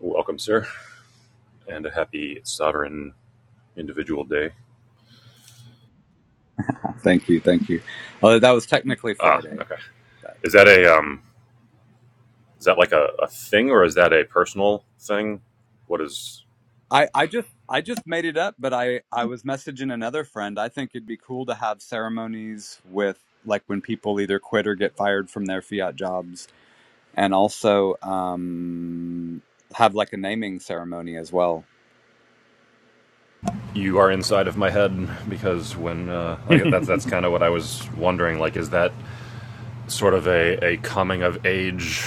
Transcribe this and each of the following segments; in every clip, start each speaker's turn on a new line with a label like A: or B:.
A: Welcome, sir, and a happy sovereign individual day.
B: Thank you, thank you. Uh, that was technically
A: Ah,
B: Friday.
A: okay. Is that a um? Is that like a, a thing, or is that a personal thing? What is?
B: I, I just I just made it up, but I I was messaging another friend. I think it'd be cool to have ceremonies with like when people either quit or get fired from their fiat jobs, and also um, have like a naming ceremony as well.
A: You are inside of my head because when uh, like that's that's kind of what I was wondering. Like, is that sort of a, a coming of age,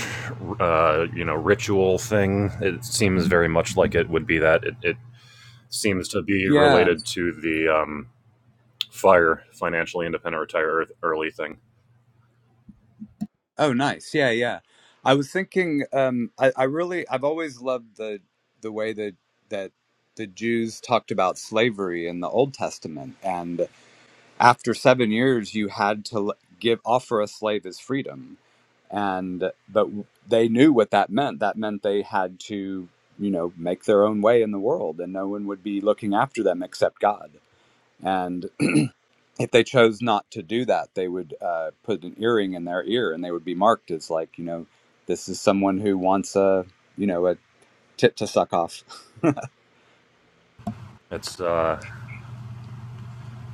A: uh, you know, ritual thing? It seems very much like it would be that. It, it seems to be
B: Yeah.
A: related to the um, fire, financially independent, retire early thing.
B: Oh, nice. Yeah, yeah. I was thinking. Um, I, I really, I've always loved the the way that that the Jews talked about slavery in the Old Testament, and after seven years you had to give offer a slave his freedom and but they knew what that meant that meant they had to you know make their own way in the world and no one would be looking after them except god and if they chose not to do that they would uh, put an earring in their ear and they would be marked as like you know this is someone who wants a you know a tit to suck off
A: It's uh,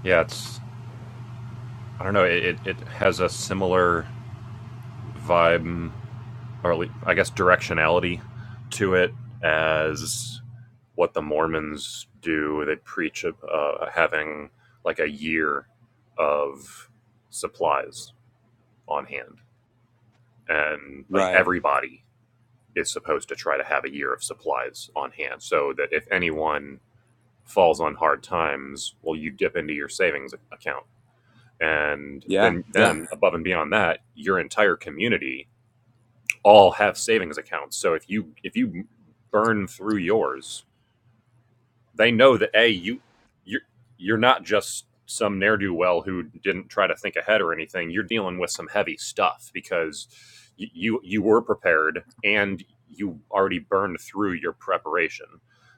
A: Yeah, it's I don't know. It it, has a similar vibe, or at least, I guess directionality to it as what the Mormons do. They preach uh, uh, having like a year of supplies on hand, and like
B: right
A: everybody is supposed to try to have a year of supplies on hand, so that if anyone falls on hard times, well, you dip into your savings account and
B: yeah
A: then
B: yeah
A: then above and beyond that your entire community all have savings accounts so if you if you burn through yours they know that a you you you're not just some ne'er-do-well who didn't try to think ahead or anything you're dealing with some heavy stuff because you you, you were prepared and you already burned through your preparation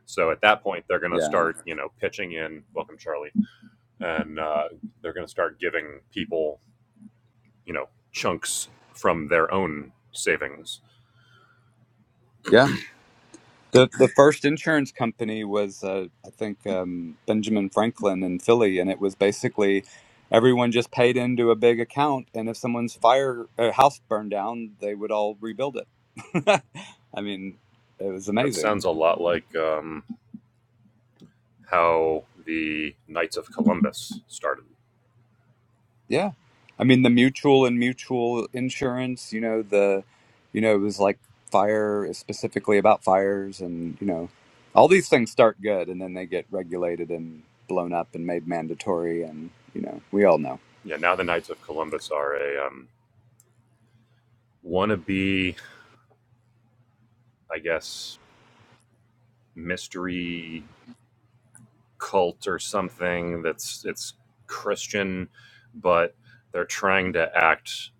A: so at that point they're going to
B: yeah
A: start you know pitching in welcome charlie and uh, they're going to start giving people you know chunks from their own savings.
B: yeah The the first insurance company was uh, I think um, Benjamin Franklin in Philly, and it was basically everyone just paid into a big account, and if someone's fire uh, house burned down, they would all rebuild it. I mean, it was
A: That
B: amazing.
A: sounds a lot like um, how the Knights of Columbus started.
B: Yeah, I mean the mutual and mutual insurance. You know the, you know it was like fire uh, specifically about fires, and you know all these things start good, and then they get regulated and blown up and made mandatory, and you know we all know.
A: Yeah, now the Knights of Columbus are a um, wannabe, I guess, mystery cult or something that's it's Christian, but they're trying to act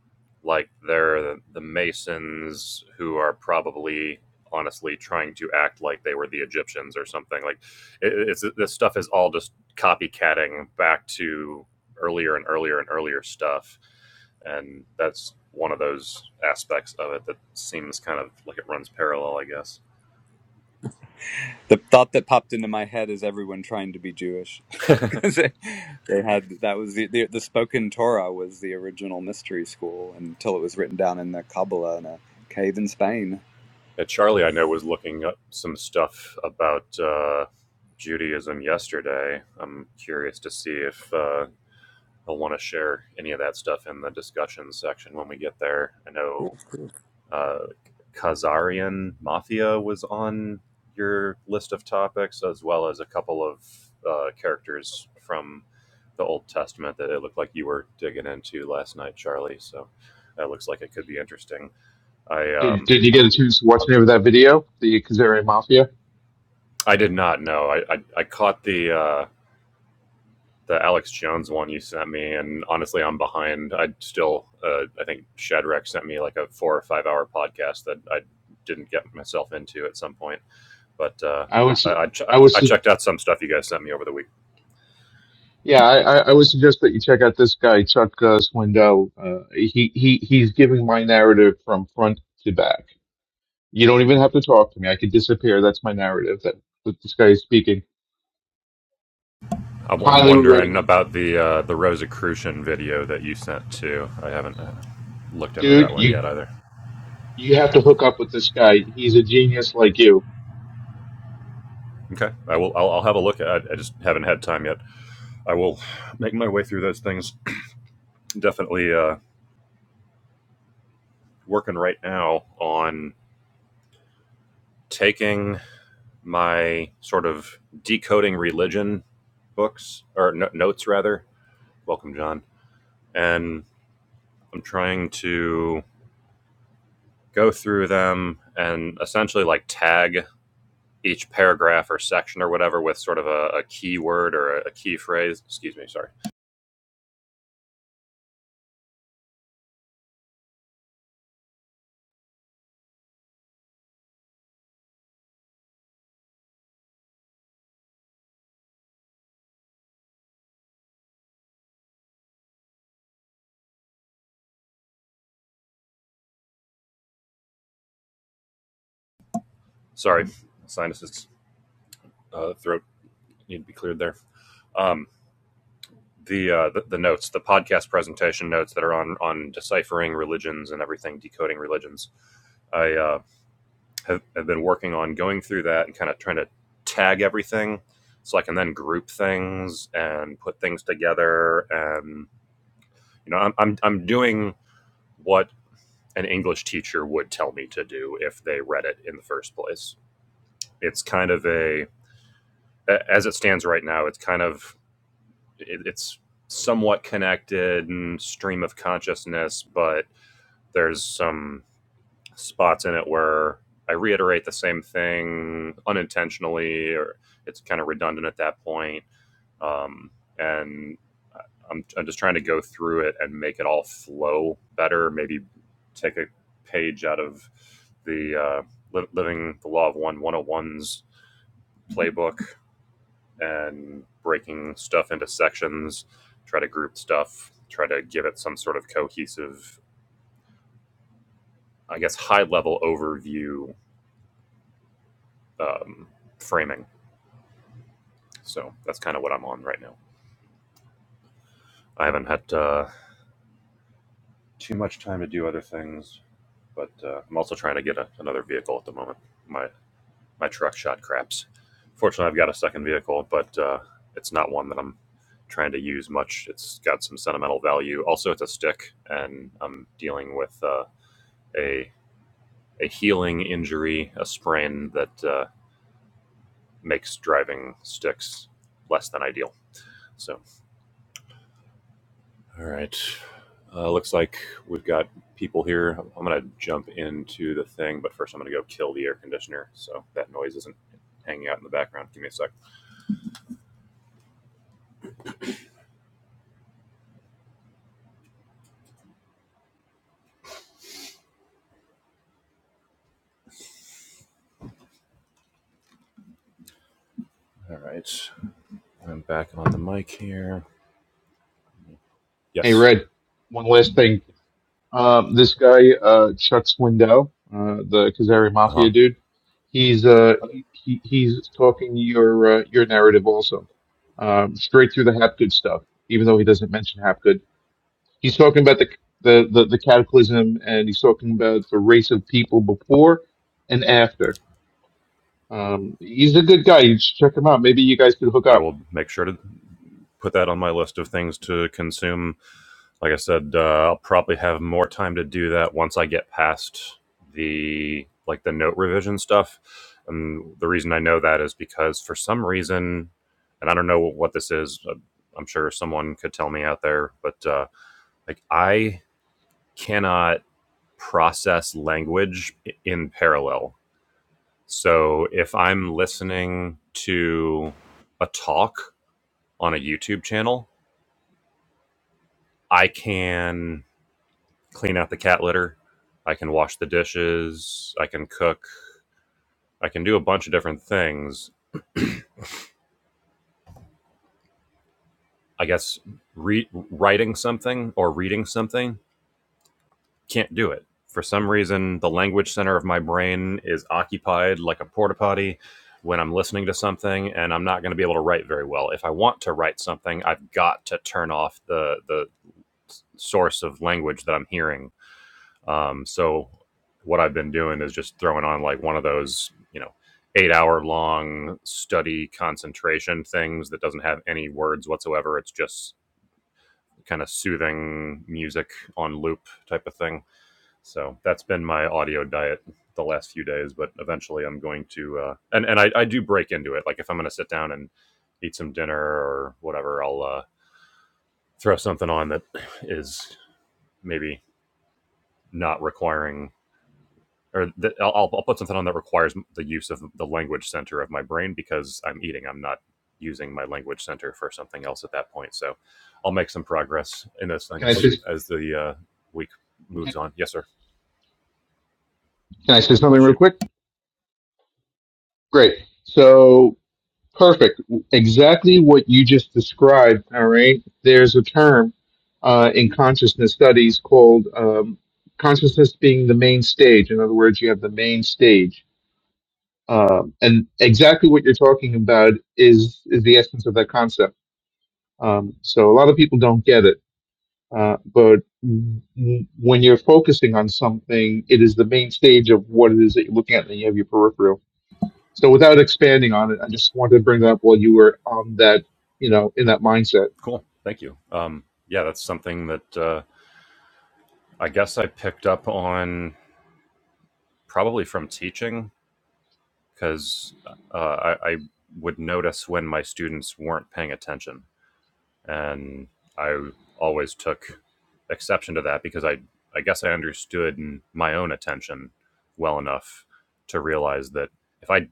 A: like they're the, the Masons who are probably honestly trying to act like they were the Egyptians or something. Like it, it's this stuff is all just copycatting back to earlier and earlier and earlier stuff, and that's one of those aspects of it that seems kind of like it runs parallel, I guess.
B: The thought that popped into my head is everyone trying to be Jewish. 'Cause they, they had that was the, the the spoken Torah was the original mystery school until it was written down in the Kabbalah in a cave in Spain.
A: Yeah, Charlie, I know, was looking up some stuff about uh, Judaism yesterday. I'm curious to see if uh, he'll want to share any of that stuff in the discussion section when we get there. I know uh, Khazarian Mafia was on your list of topics, as well as a couple of uh, characters from the Old Testament that it looked like you were digging into last night, Charlie. So that looks like it could be interesting. I
C: Did
A: um,
C: Did you
A: I'm
C: get a chance to watch any of that video, the Kazarian Mafia?
A: I did not know. I I, I caught the uh, the Alex Jones one you sent me, and honestly, I'm behind. I still uh, I think Shadrach sent me like a four or five hour podcast that I didn't get myself into at some point, but. Uh,
C: I was,
A: I, I, ch-
C: I
A: I
C: was,
A: checked out some stuff you guys sent me over the week.
C: yeah, I, I I would suggest that you check out this guy Chuck uh, Swindoll. Uh, he he he's giving my narrative from front to back. You don't even have to talk to me. I could disappear. That's my narrative. That, that this guy is speaking.
A: I'm-
C: Highly
A: wondering
C: recommend,
A: about the uh, the Rosicrucian video that you sent too. I haven't uh, looked into
C: dude.
A: that one
C: You
A: yet either.
C: you have to hook up with this guy. He's a genius like you.
A: Okay, I will. I'll, I'll have a look. I, I just haven't had time yet. I will make my way through those things. Definitely uh, working right now on taking my sort of decoding religion books or no- notes rather. Welcome, John. And I'm trying to go through them and essentially like tag each paragraph or section or whatever with sort of a, a key or a, a key phrase. Excuse me. Sorry. Sorry. Sinuses, uh, throat need to be cleared there. Um, the, uh, the the notes, the podcast presentation notes that are on on deciphering religions and everything, decoding religions. I uh, have, have been working on going through that and kind of trying to tag everything, so I can then group things and put things together. And you know, I'm I'm, I'm doing what an English teacher would tell me to do if they read it in the first place. It's kind of a a- as it stands right now. It's kind of it, it's somewhat connected and stream of consciousness, but there's some spots in it where I reiterate the same thing unintentionally, or it's kind of redundant at that point. Um, and I- am I'm just trying to go through it and make it all flow better. Maybe take a page out of the uh, Living the Law of One one oh ones playbook and breaking stuff into sections, try to group stuff, try to give it some sort of cohesive, I guess, high level overview um, framing. So that's kind of what I'm on right now. I haven't had uh, too much time to do other things, but uh, I'm also trying to get a, another vehicle at the moment. My my truck shot craps. Fortunately, I've got a second vehicle, but uh, it's not one that I'm trying to use much. It's got some sentimental value. Also, it's a stick, and I'm dealing with uh, a a healing injury, a sprain that uh, makes driving sticks less than ideal. So, all right. Uh, looks like we've got people here. I'm going to jump into the thing, but first I'm going to go kill the air conditioner so that noise isn't hanging out in the background. Give me a sec. All right. I'm back on the mic here.
C: Hey,
A: Yes.
C: Red. One last thing Um, this guy, uh, Chuck Swindow, uh, the Kazari
A: Uh huh.
C: Mafia dude, he's, uh, he, he's talking your, uh, your narrative also, um, straight through the Hapgood stuff, even though he doesn't mention Hapgood. He's talking about the, the, the, the cataclysm and he's talking about the race of people before and after. Um, he's a good guy. You should check him out. Maybe you guys could hook
A: I
C: up.
A: will make sure to put that on my list of things to consume Like I said, uh, I'll probably have more time to do that once I get past the like the note revision stuff. And the reason I know that is because for some reason, and I don't know what this is. uh, I'm sure someone could tell me out there, but uh, like I cannot process language in parallel. So if I'm listening to a talk on a YouTube channel, I can clean out the cat litter. I can wash the dishes. I can cook. I can do a bunch of different things. I guess re- writing something or reading something can't do it. For some reason, the language center of my brain is occupied like a porta potty when I'm listening to something, and I'm not going to be able to write very well. If I want to write something, I've got to turn off the the source of language that I'm hearing Um, so what I've been doing is just throwing on like one of those, you know, eight hour long study concentration things that doesn't have any words whatsoever. It's just kind of soothing music on loop type of thing. So that's been my audio diet the last few days, but eventually I'm going to, uh, and, and I, I do break into it. Like if I'm going to sit down and eat some dinner or whatever, I'll, uh, throw something on that is maybe not requiring or that I'll, I'll I'll put something on that requires the use of the language center of my brain because I'm eating. I'm not using my language center for something else at that point. So I'll make some progress in those
C: Can I
A: things
C: say,
A: as the uh, week
C: can
A: moves on. Yes, sir.
C: I say something real
A: Shoot.
C: quick? Great. So Perfect. Exactly what you just described. All right. There's a term uh, in consciousness studies called um, consciousness being the main stage. In other words, you have the main stage. Um, and exactly what you're talking about is, is the essence of that concept. Um, so a lot of people don't get it. Uh, but w- when you're focusing on something, it is the main stage of what it is that you're looking at, and then you have your peripheral. So without expanding on it, I just wanted to bring that up while you were on that, you know, in that mindset.
A: Cool. Thank you. Um, yeah, that's something that uh, I guess I picked up on probably from teaching because uh, I, I would notice when my students weren't paying attention and I always took exception to that because I I guess I understood my own attention well enough to realize that if I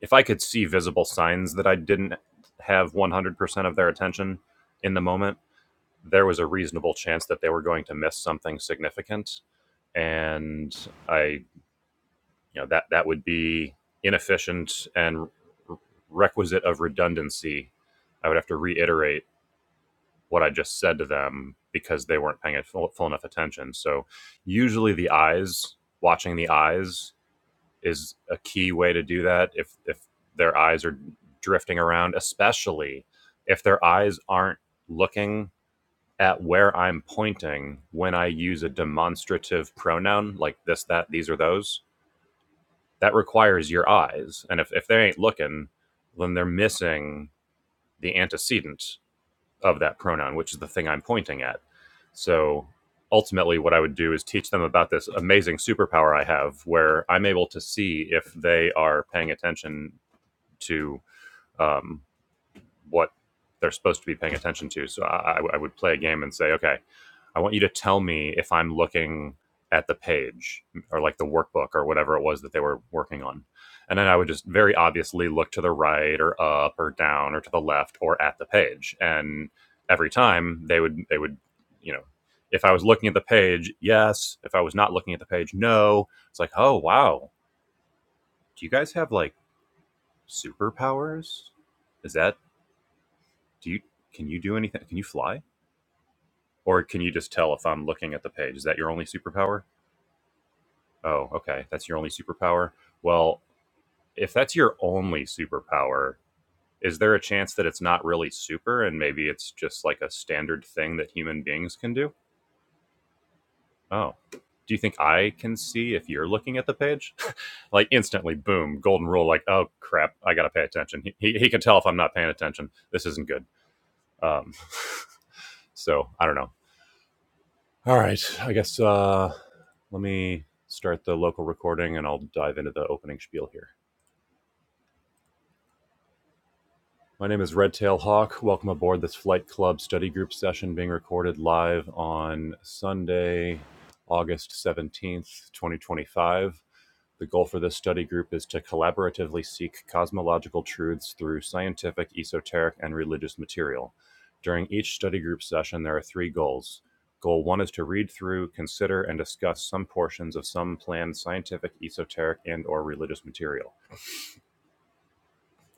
A: if I could see visible signs that I didn't have 100% of their attention in the moment, there was a reasonable chance that they were going to miss something significant and I you know that that would be inefficient and requisite of redundancy. I would have to reiterate what I just said to them because they weren't paying full, full enough attention. So usually the eyes, watching the eyes is a key way to do that. If if their eyes are drifting around, especially if their eyes aren't looking at where I'm pointing when I use a demonstrative pronoun like this, that, these, or those, that requires your eyes. And if, if they ain't looking, then they're missing the antecedent of that pronoun, which is the thing I'm pointing at. So ultimately, what I would do is teach them about this amazing superpower I have where I'm able to see if they are paying attention to um, what they're supposed to be paying attention to. So I, I would play a game and say, okay, I want you to tell me if I'm looking at the page or like the workbook or whatever it was that they were working on. And then I would just very obviously look to the right or up or down or to the left or at the page. And every time they would, they would, you know, if I was looking at the page, yes. If I was not looking at the page, no. It's like, oh, wow. Do you guys have like superpowers? Is that, do you, can you do anything? Can you fly? Or can you just tell if I'm looking at the page? Is that your only superpower? Oh, okay. That's your only superpower? Well, if that's your only superpower, is there a chance that it's not really super and maybe it's just like a standard thing that human beings can do? Oh. Do you think I can see if you're looking at the page? like instantly, boom, golden rule, like, oh crap, I gotta pay attention. He, he, he can tell if I'm not paying attention. This isn't good. Um, so I don't know. All right. I guess uh, let me start the local recording and I'll dive into the opening spiel here. My name is Redtail Hawk. Welcome aboard this Flight Club study group session being recorded live on Sunday, August 17th, 2025. The goal for this study group is to collaboratively seek cosmological truths through scientific, esoteric, and religious material. During each study group session, there are three goals. Goal one is to read through, consider, and discuss some portions of some planned scientific, esoteric, and/or religious material.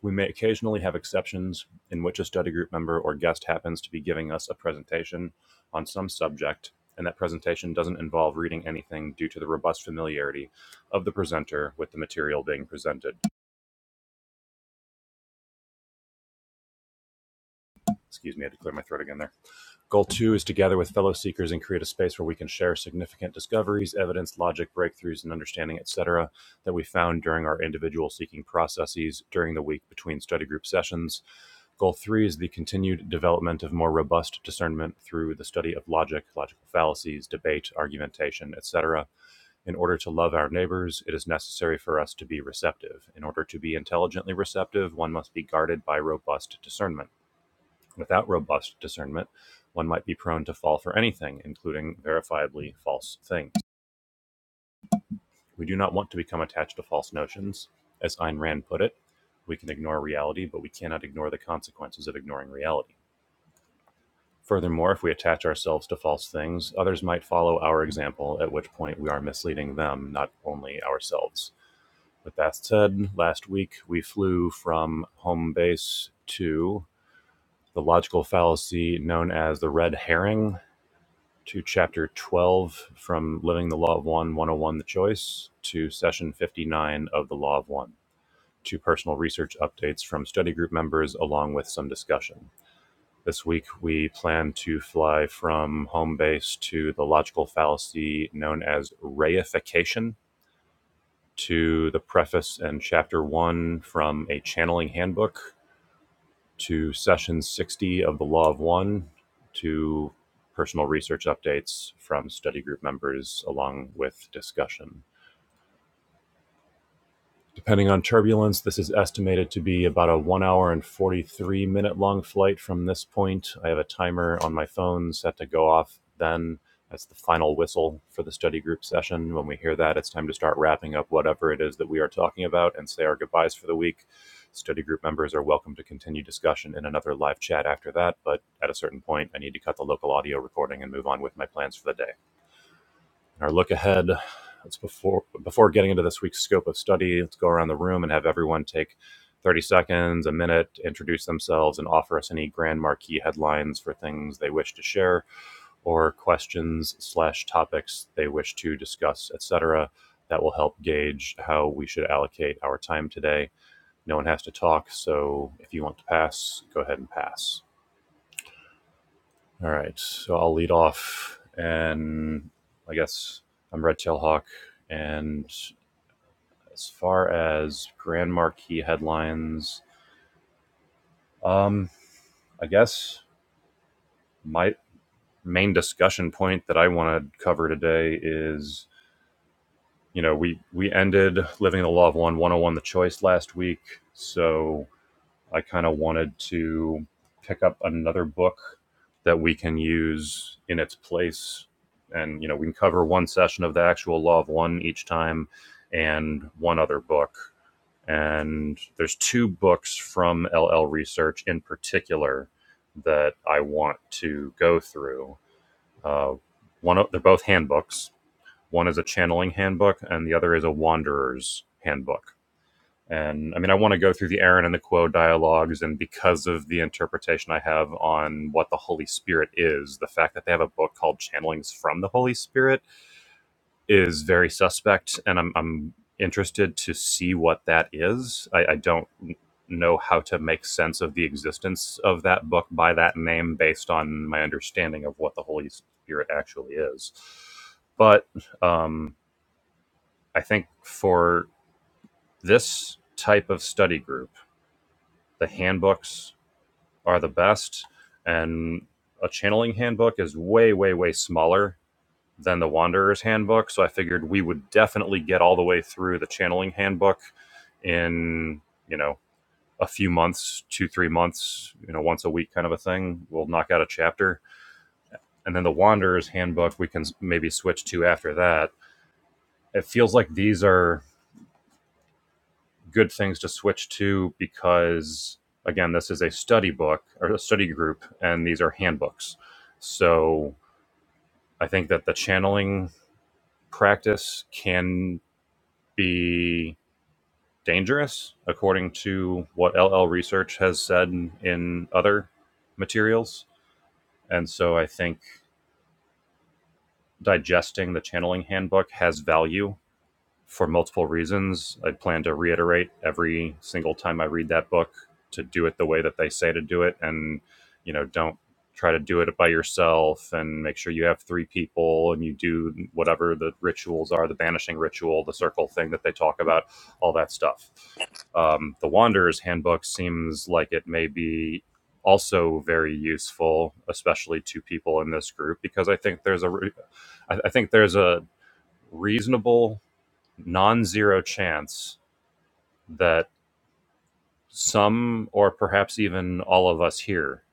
A: We may occasionally have exceptions in which a study group member or guest happens to be giving us a presentation on some subject, and that presentation doesn't involve reading anything due to the robust familiarity of the presenter with the material being presented. Excuse me, I had to clear my throat again there. Goal two is to gather with fellow seekers and create a space where we can share significant discoveries, evidence, logic, breakthroughs, and understanding, etc., that we found during our individual seeking processes during the week between study group sessions. Goal three is the continued development of more robust discernment through the study of logic, logical fallacies, debate, argumentation, etc. In order to love our neighbors, it is necessary for us to be receptive. In order to be intelligently receptive, one must be guarded by robust discernment. Without robust discernment, one might be prone to fall for anything, including verifiably false things. We do not want to become attached to false notions. As Ayn Rand put it, we can ignore reality, but we cannot ignore the consequences of ignoring reality. Furthermore, if we attach ourselves to false things, others might follow our example, at which point we are misleading them, not only ourselves. With that said, last week we flew from home base to the logical fallacy known as the red herring, to chapter 12 from Living the Law of One 101 The Choice to session 59 of The Law of One to personal research updates from study group members along with some discussion. This week we plan to fly from home base to the logical fallacy known as reification to the preface and chapter 1 from a channeling handbook to session 60 of the Law of One to personal research updates from study group members along with discussion. Depending on turbulence, this is estimated to be about a one hour and 43 minute long flight from this point. I have a timer on my phone set to go off then. That's the final whistle for the study group session. When we hear that, it's time to start wrapping up whatever it is that we are talking about and say our goodbyes for the week. Study group members are welcome to continue discussion in another live chat after that, but at a certain point, I need to cut the local audio recording and move on with my plans for the day. Our look ahead. Let's before before getting into this week's scope of study, let's go around the room and have everyone take 30 seconds, a minute, introduce themselves, and offer us any grand marquee headlines for things they wish to share or questions slash topics they wish to discuss, etc. That will help gauge how we should allocate our time today. No one has to talk, so if you want to pass, go ahead and pass. All right, so I'll lead off, and I guess I'm Red Tail Hawk. And as far as Grand Marquis headlines, um, I guess my main discussion point that I want to cover today is, you know, we we ended Living the Law of One 101 the Choice last week, so I kind of wanted to pick up another book that we can use in its place. And, you know, we can cover one session of the actual Law of One each time and one other book. And there's two books from LL Research in particular that I want to go through. Uh, one of, they're both handbooks. One is a channeling handbook, and the other is a wanderer's handbook and I mean, I want to go through the Aaron and the Quo dialogues, and because of the interpretation I have on what the Holy Spirit is, the fact that they have a book called Channelings from the Holy Spirit is very suspect, and I'm, I'm interested to see what that is. I, I don't know how to make sense of the existence of that book by that name based on my understanding of what the Holy Spirit actually is. But um, I think for this type of study group, the handbooks are the best and a channeling handbook is way way way smaller than the wanderer's handbook so i figured we would definitely get all the way through the channeling handbook in you know a few months two three months you know once a week kind of a thing we'll knock out a chapter and then the wanderer's handbook we can maybe switch to after that it feels like these are good things to switch to because again this is a study book or a study group and these are handbooks so i think that the channeling practice can be dangerous according to what ll research has said in other materials and so i think digesting the channeling handbook has value for multiple reasons. I plan to reiterate every single time I read that book to do it the way that they say to do it and you know don't try to do it by yourself and make sure you have three people and you do whatever the rituals are the banishing ritual the circle thing that they talk about all that stuff um, the wanderer's handbook seems like it may be also very useful especially to people in this group because i think there's a re- I think there's a reasonable non zero chance that some or perhaps even all of us here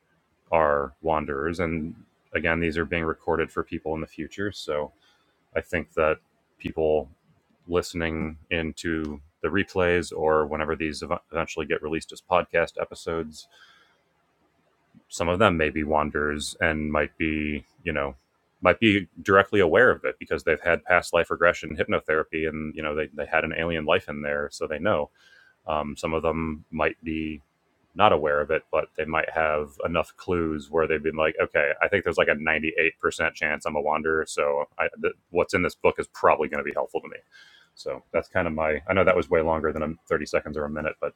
A: are wanderers. And again, these are being recorded for people in the future. So I think that people listening into the replays or whenever these ev- eventually get released as podcast episodes, some of them may be wanderers and might be, you know, might be directly aware of it because they've had past life regression hypnotherapy and you know they, they had an alien life in there so they know Um, some of them might be not aware of it, but they might have enough clues where they've been like, okay, I think there's like a 98% chance I'm a wanderer. So I, th- what's in this book is probably going to be helpful to me. So that's kind of my, I know that was way longer than a 30 seconds or a minute, but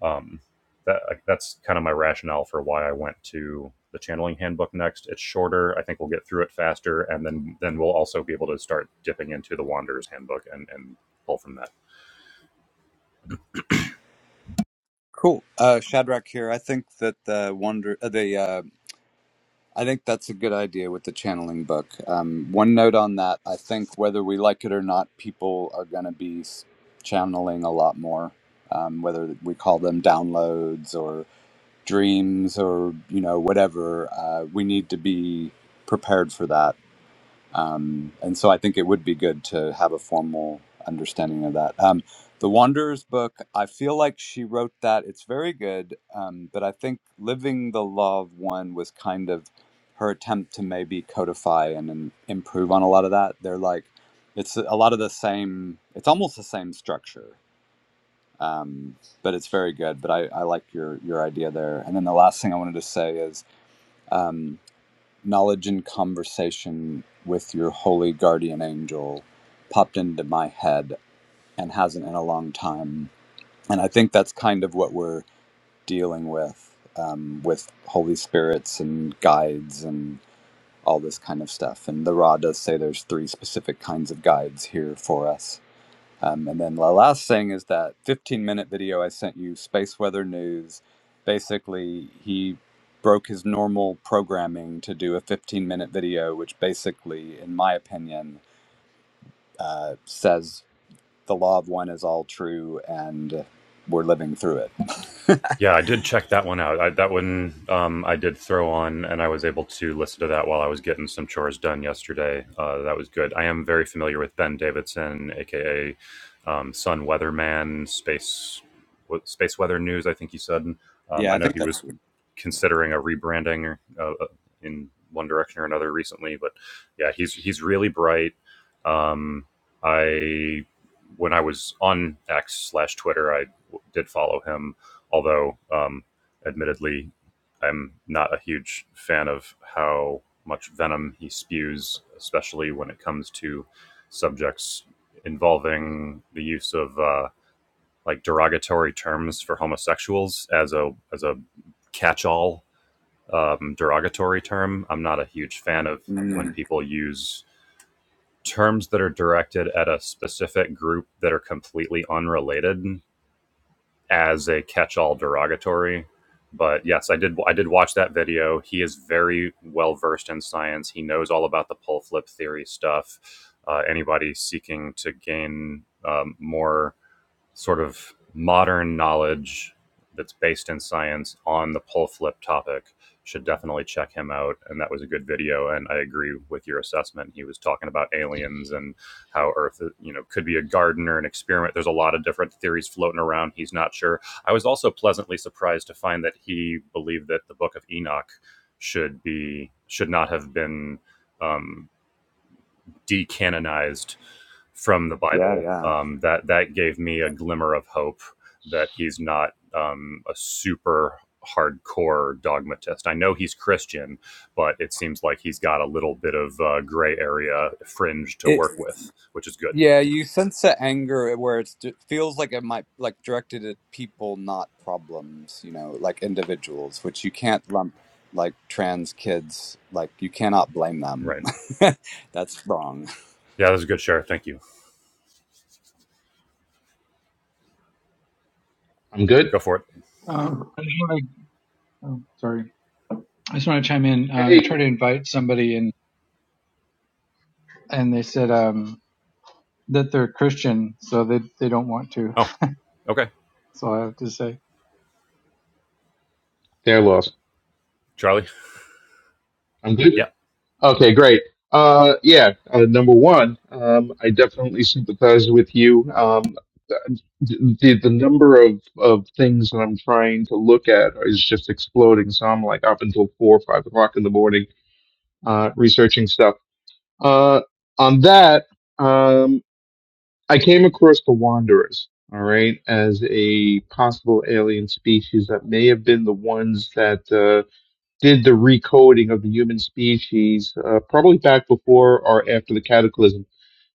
A: um, that, like, that's kind of my rationale for why I went to the channeling handbook next. It's shorter. I think we'll get through it faster. And then, then we'll also be able to start dipping into the wanderer's handbook and, and pull from that.
B: Cool, uh, Shadrach here. I think that the wonder uh, the uh, I think that's a good idea with the channeling book. Um, one note on that: I think whether we like it or not, people are going to be s- channeling a lot more. Um, whether we call them downloads or. dreams or you know whatever uh, we need to be prepared for that um, and so i think it would be good to have a formal understanding of that um, the wanderers book i feel like she wrote that it's very good um, but i think living the law of one was kind of her attempt to maybe codify and, and improve on a lot of that they're like it's a lot of the same it's almost the same structure um, but it's very good. But I, I like your your idea there. And then the last thing I wanted to say is um, knowledge and conversation with your holy guardian angel popped into my head and hasn't in a long time. And I think that's kind of what we're dealing with um, with holy spirits and guides and all this kind of stuff. And the Ra does say there's three specific kinds of guides here for us um, and then the last thing is that 15 minute video I sent you, Space Weather News. Basically, he broke his normal programming to do a 15 minute video, which basically, in my opinion, uh, says the law of one is all true and we're living through it.
A: Yeah, I did check that one out. I, that one um, I did throw on, and I was able to listen to that while I was getting some chores done yesterday. Uh, that was good. I am very familiar with Ben Davidson, aka um, Sun Weatherman, Space Space Weather News. I think he said. Um,
B: yeah,
A: I
B: I
A: know
B: think
A: he
B: that's.
A: was considering a rebranding uh, uh, in one direction or another recently, but yeah, he's he's really bright. Um, I when I was on X slash Twitter, I w- did follow him although um, admittedly, I'm not a huge fan of how much venom he spews, especially when it comes to subjects involving the use of uh, like derogatory terms for homosexuals as a as a catch-all um, derogatory term. I'm not a huge fan of when
B: Mm,
A: people use terms that are directed at a specific group that are completely unrelated as a catch-all derogatory. But yes, I did. I did watch that video. He is very well versed in science. He knows all about the pull flip theory stuff. Uh, anybody seeking to gain um, more sort of modern knowledge that's based in science on the pull flip topic should definitely check him out and that was a good video and i agree with your assessment he was talking about aliens and how earth you know could be a garden or an experiment there's a lot of different theories floating around he's not sure i was also pleasantly surprised to find that he believed that the book of enoch should be should not have been um, decanonized from the
B: yeah,
A: Bible.
B: yeah.
A: Um, that that gave me a glimmer of hope that he's not um, a super hardcore dogmatist. I know he's Christian, but it seems like he's got a little bit of uh, gray area fringe to
B: It,
A: work with, which is good.
B: Yeah, you sense the anger where it's, it feels like it might like directed at people, not problems. You know, like individuals, which you can't lump like trans kids. Like you cannot blame them.
A: Right?
B: That's wrong.
A: Yeah, that was a good share. Thank you.
C: I'm good.
A: Go for it.
D: Um, I just want to, oh, sorry, I just want to chime in. Uh,
C: Hey,
D: I tried to invite somebody, and and they said um, that they're Christian, so they they don't want to.
A: Oh, okay,
D: So I have to say
C: they're lost.
A: Charlie.
C: I'm good.
A: Yeah.
C: Okay, great. Uh, yeah. Uh, number one, um, I definitely sympathize with you. Um, the, the number of, of things that I'm trying to look at is just exploding. So I'm like up until four or five o'clock in the morning, uh, researching stuff. Uh, on that, um, I came across the Wanderers, all right, as a possible alien species that may have been the ones that uh, did the recoding of the human species, uh, probably back before or after the cataclysm.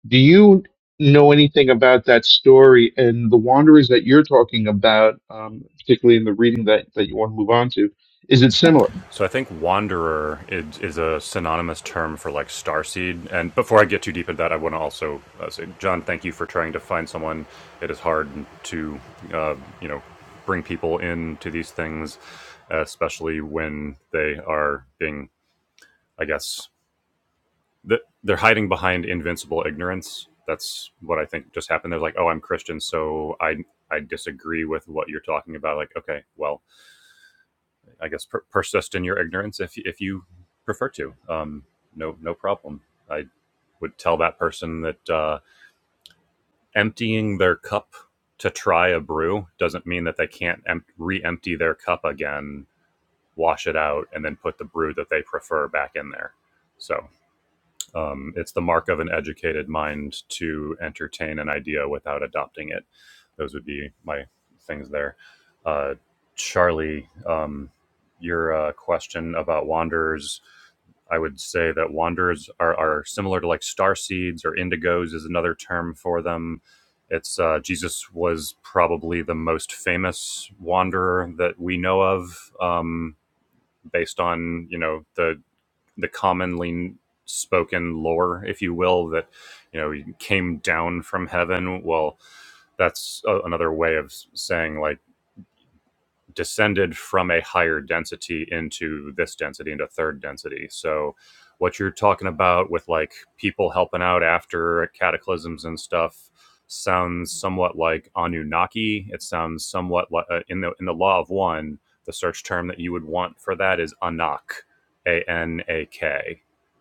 C: Do you know anything about that story and the Wanderers that you're talking about, um, particularly in the reading that, that you want to move on to? Is it similar?
A: So I think wanderer is, is a synonymous term for like starseed. And before I get too deep into that, I want to also uh, say, John, thank you for trying to find someone. It is hard to, uh, you know, bring people into these things, especially when they are being, I guess, th- they're hiding behind invincible ignorance. That's what I think just happened. They're like, oh, I'm Christian, so I I disagree with what you're talking about. Like, okay, well, I guess per- persist in your ignorance if if you prefer to. Um, no, no problem. I would tell that person that uh, emptying their cup to try a brew doesn't mean that they can't em- re-empty their cup again, wash it out, and then put the brew that they prefer back in there. So um, it's the mark of an educated mind to entertain an idea without adopting it. Those would be my things there. Uh, Charlie, um, your uh, question about wanderers. I would say that wanderers are, are similar to like star seeds or indigos is another term for them. It's uh, Jesus was probably the most famous wanderer that we know of, um, based on you know the the commonly spoken lore, if you will, that you know he came down from heaven. Well, that's a, another way of saying like descended from a higher density into this density into third density so what you're talking about with like people helping out after cataclysms and stuff sounds somewhat like anunnaki it sounds somewhat like uh, in the in the law of one the search term that you would want for that is anak a n a k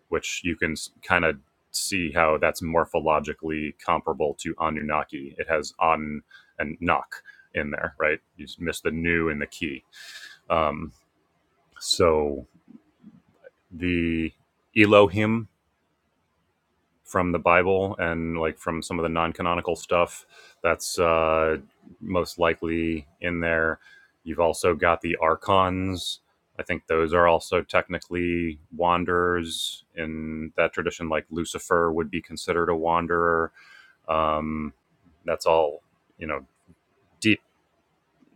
A: which you can kind of see how that's morphologically comparable to anunnaki it has an and nak in there, right? You just miss the new and the key. Um, so the Elohim from the Bible and like from some of the non-canonical stuff, that's uh, most likely in there. You've also got the archons. I think those are also technically wanderers in that tradition. Like Lucifer would be considered a wanderer. Um, that's all you know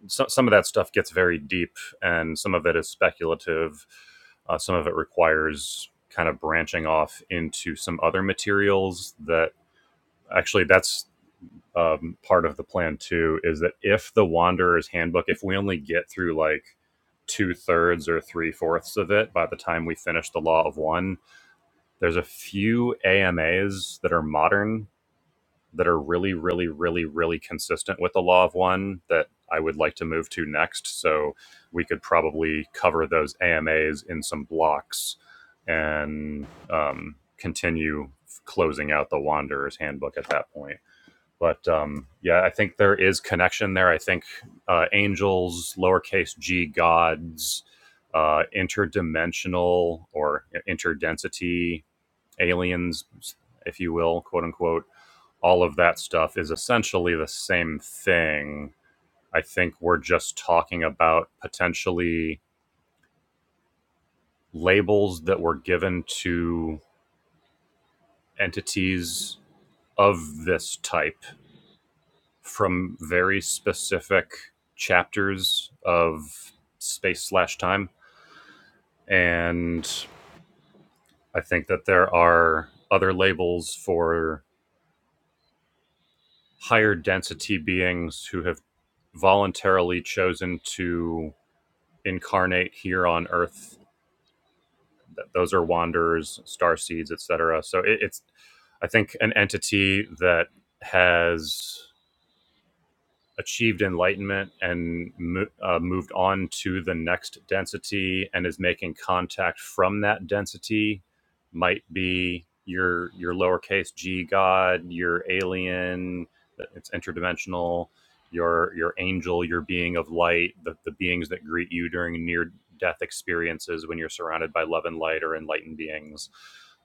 A: so, some of that stuff gets very deep and some of it is speculative uh, some of it requires kind of branching off into some other materials that actually that's um, part of the plan too is that if the wanderer's handbook if we only get through like two thirds or three fourths of it by the time we finish the law of one there's a few amas that are modern that are really, really, really, really consistent with the law of one that I would like to move to next. So we could probably cover those AMAs in some blocks and um, continue closing out the Wanderer's Handbook at that point. But um, yeah, I think there is connection there. I think uh, angels, lowercase g gods, uh, interdimensional or interdensity aliens, if you will, quote unquote, all of that stuff is essentially the same thing. I think we're just talking about potentially labels that were given to entities of this type from very specific chapters of space slash time. And I think that there are other labels for higher density beings who have voluntarily chosen to incarnate here on Earth. Those are wanderers, star seeds, etc. So it, it's, I think, an entity that has achieved enlightenment and uh, moved on to the next density and is making contact from that density might be your your lowercase g god your alien it's interdimensional your your angel your being of light the, the beings that greet you during near death experiences when you're surrounded by love and light or enlightened beings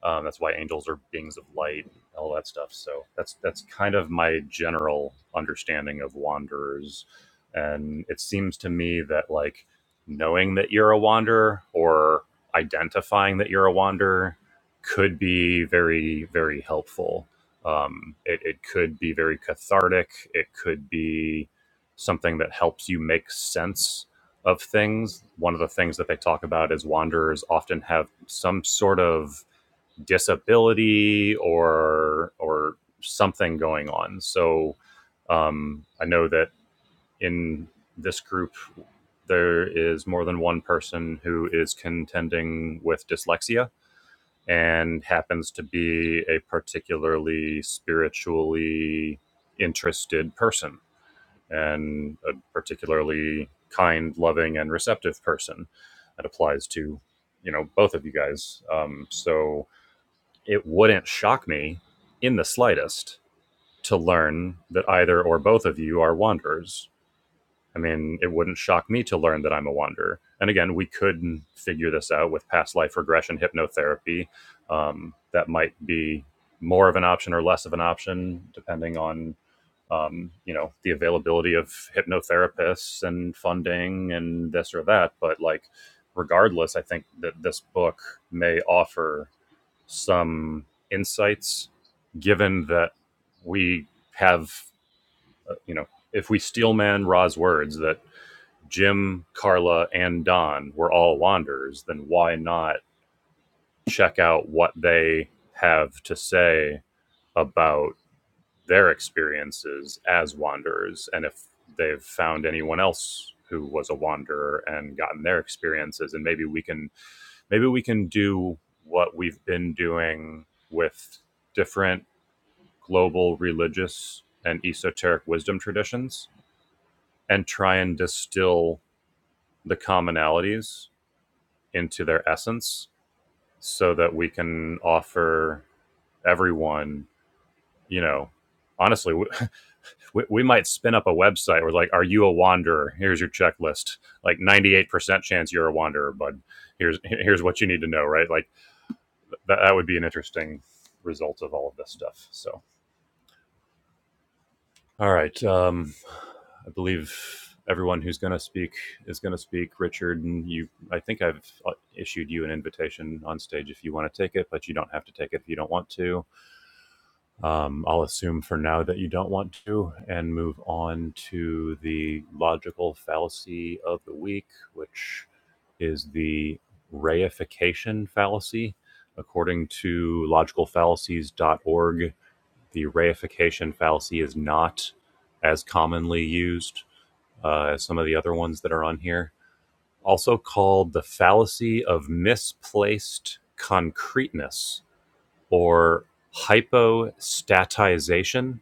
A: um, that's why angels are beings of light all that stuff. So that's that's kind of my general understanding of wanderers, and it seems to me that like knowing that you're a wanderer or identifying that you're a wanderer could be very very helpful. Um, it, it could be very cathartic. It could be something that helps you make sense of things. One of the things that they talk about is wanderers often have some sort of disability or or something going on. So um, I know that in this group there is more than one person who is contending with dyslexia and happens to be a particularly spiritually interested person and a particularly kind, loving, and receptive person. That applies to you know both of you guys. Um, so it wouldn't shock me in the slightest to learn that either or both of you are wanderers. I mean, it wouldn't shock me to learn that I'm a wanderer. And again, we could figure this out with past life regression hypnotherapy. Um, that might be more of an option or less of an option, depending on um, you know the availability of hypnotherapists and funding and this or that. But like, regardless, I think that this book may offer some insights, given that we have, uh, you know, if we steelman Ra's words that Jim, Carla, and Don were all wanderers, then why not check out what they have to say about their experiences as wanderers and if they've found anyone else who was a wanderer and gotten their experiences and maybe we can maybe we can do what we've been doing with different global religious and esoteric wisdom traditions and try and distill the commonalities into their essence so that we can offer everyone, you know, honestly, we, we might spin up a website where, like, are you a wanderer? Here's your checklist. Like, 98% chance you're a wanderer, bud. Here's, here's what you need to know, right? Like, that, that would be an interesting result of all of this stuff. So. All right. Um, I believe everyone who's going to speak is going to speak. Richard, and you, I think I've uh, issued you an invitation on stage if you want to take it, but you don't have to take it if you don't want to. Um, I'll assume for now that you don't want to and move on to the logical fallacy of the week, which is the reification fallacy. According to logicalfallacies.org, the reification fallacy is not as commonly used uh, as some of the other ones that are on here. Also called the fallacy of misplaced concreteness or hypostatization.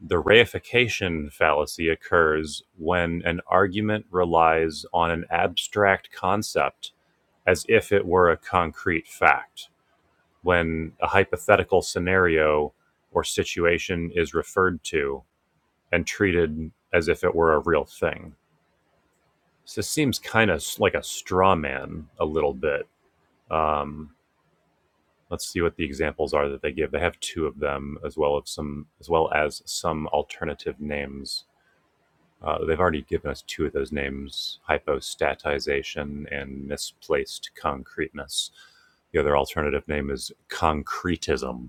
A: The reification fallacy occurs when an argument relies on an abstract concept as if it were a concrete fact. When a hypothetical scenario or situation is referred to, and treated as if it were a real thing. So this seems kind of like a straw man a little bit. Um, let's see what the examples are that they give. They have two of them as well as some as well as some alternative names. Uh, they've already given us two of those names: hypostatization and misplaced concreteness. The other alternative name is concretism.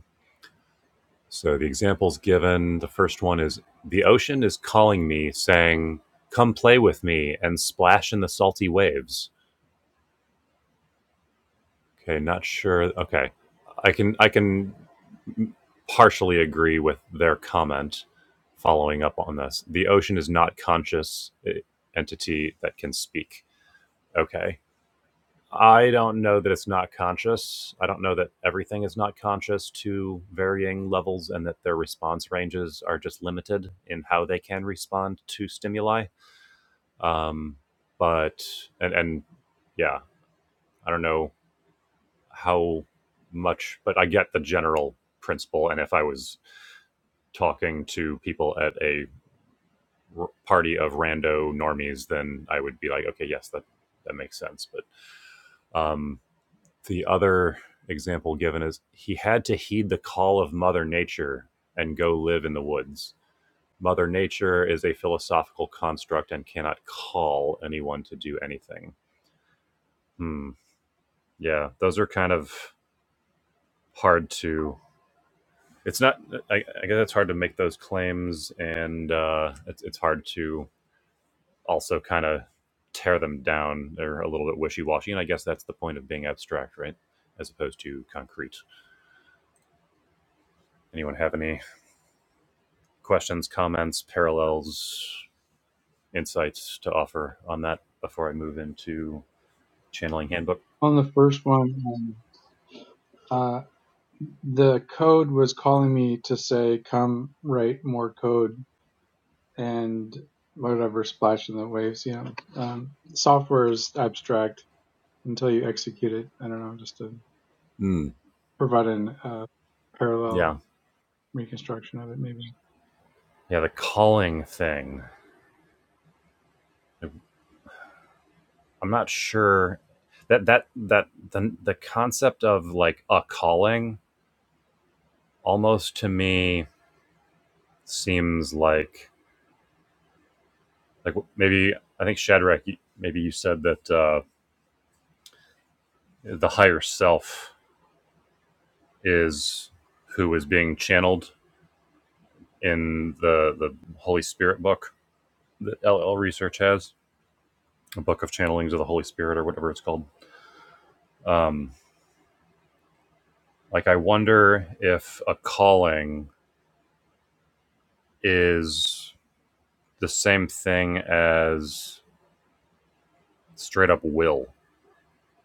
A: So the examples given, the first one is the ocean is calling me, saying, "Come play with me and splash in the salty waves." Okay, not sure. Okay, I can I can partially agree with their comment. Following up on this, the ocean is not conscious eh, entity that can speak. Okay, I don't know that it's not conscious. I don't know that everything is not conscious to varying levels and that their response ranges are just limited in how they can respond to stimuli. Um, but, and, and yeah, I don't know how much, but I get the general principle. And if I was talking to people at a r- party of rando normies, then I would be like, okay, yes, that, that makes sense. But, um, The other example given is he had to heed the call of Mother Nature and go live in the woods. Mother Nature is a philosophical construct and cannot call anyone to do anything. Hmm. Yeah, those are kind of hard to. It's not. I, I guess it's hard to make those claims, and uh, it's it's hard to also kind of tear them down. They're a little bit wishy washy, and I guess that's the point of being abstract, right? As opposed to concrete. Anyone have any questions, comments, parallels, insights to offer on that before I move into channeling handbook?
D: on the first one, um, uh, the code was calling me to say, "Come write more code," and whatever splash in the waves. You know, um, software is abstract until you execute it. I don't know, just to
A: Mm,
D: provide an uh, parallel
A: yeah,
D: reconstruction of it, maybe.
A: yeah. The calling thing. I'm not sure that that that the the concept of like a calling almost to me seems like like maybe I think Shadrach, maybe you said that uh, the higher self is who is being channeled in the the Holy Spirit book that LL Research has, a book of channelings of the Holy Spirit or whatever it's called. Um, like, I wonder if a calling is the same thing as straight up will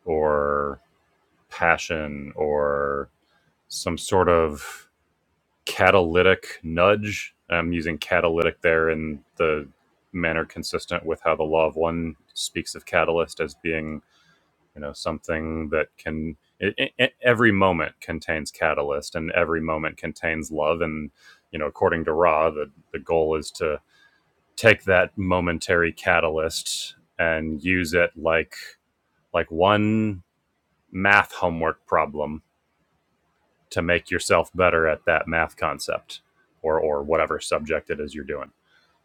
A: or passion or some sort of catalytic nudge. I'm using catalytic there in the manner consistent with how the law of one speaks of catalyst as being you know something that can it, it- every moment contains catalyst and every moment contains love and you know according to ra the, the goal is to take that momentary catalyst and use it like like one math homework problem to make yourself better at that math concept or or whatever subject it is you're doing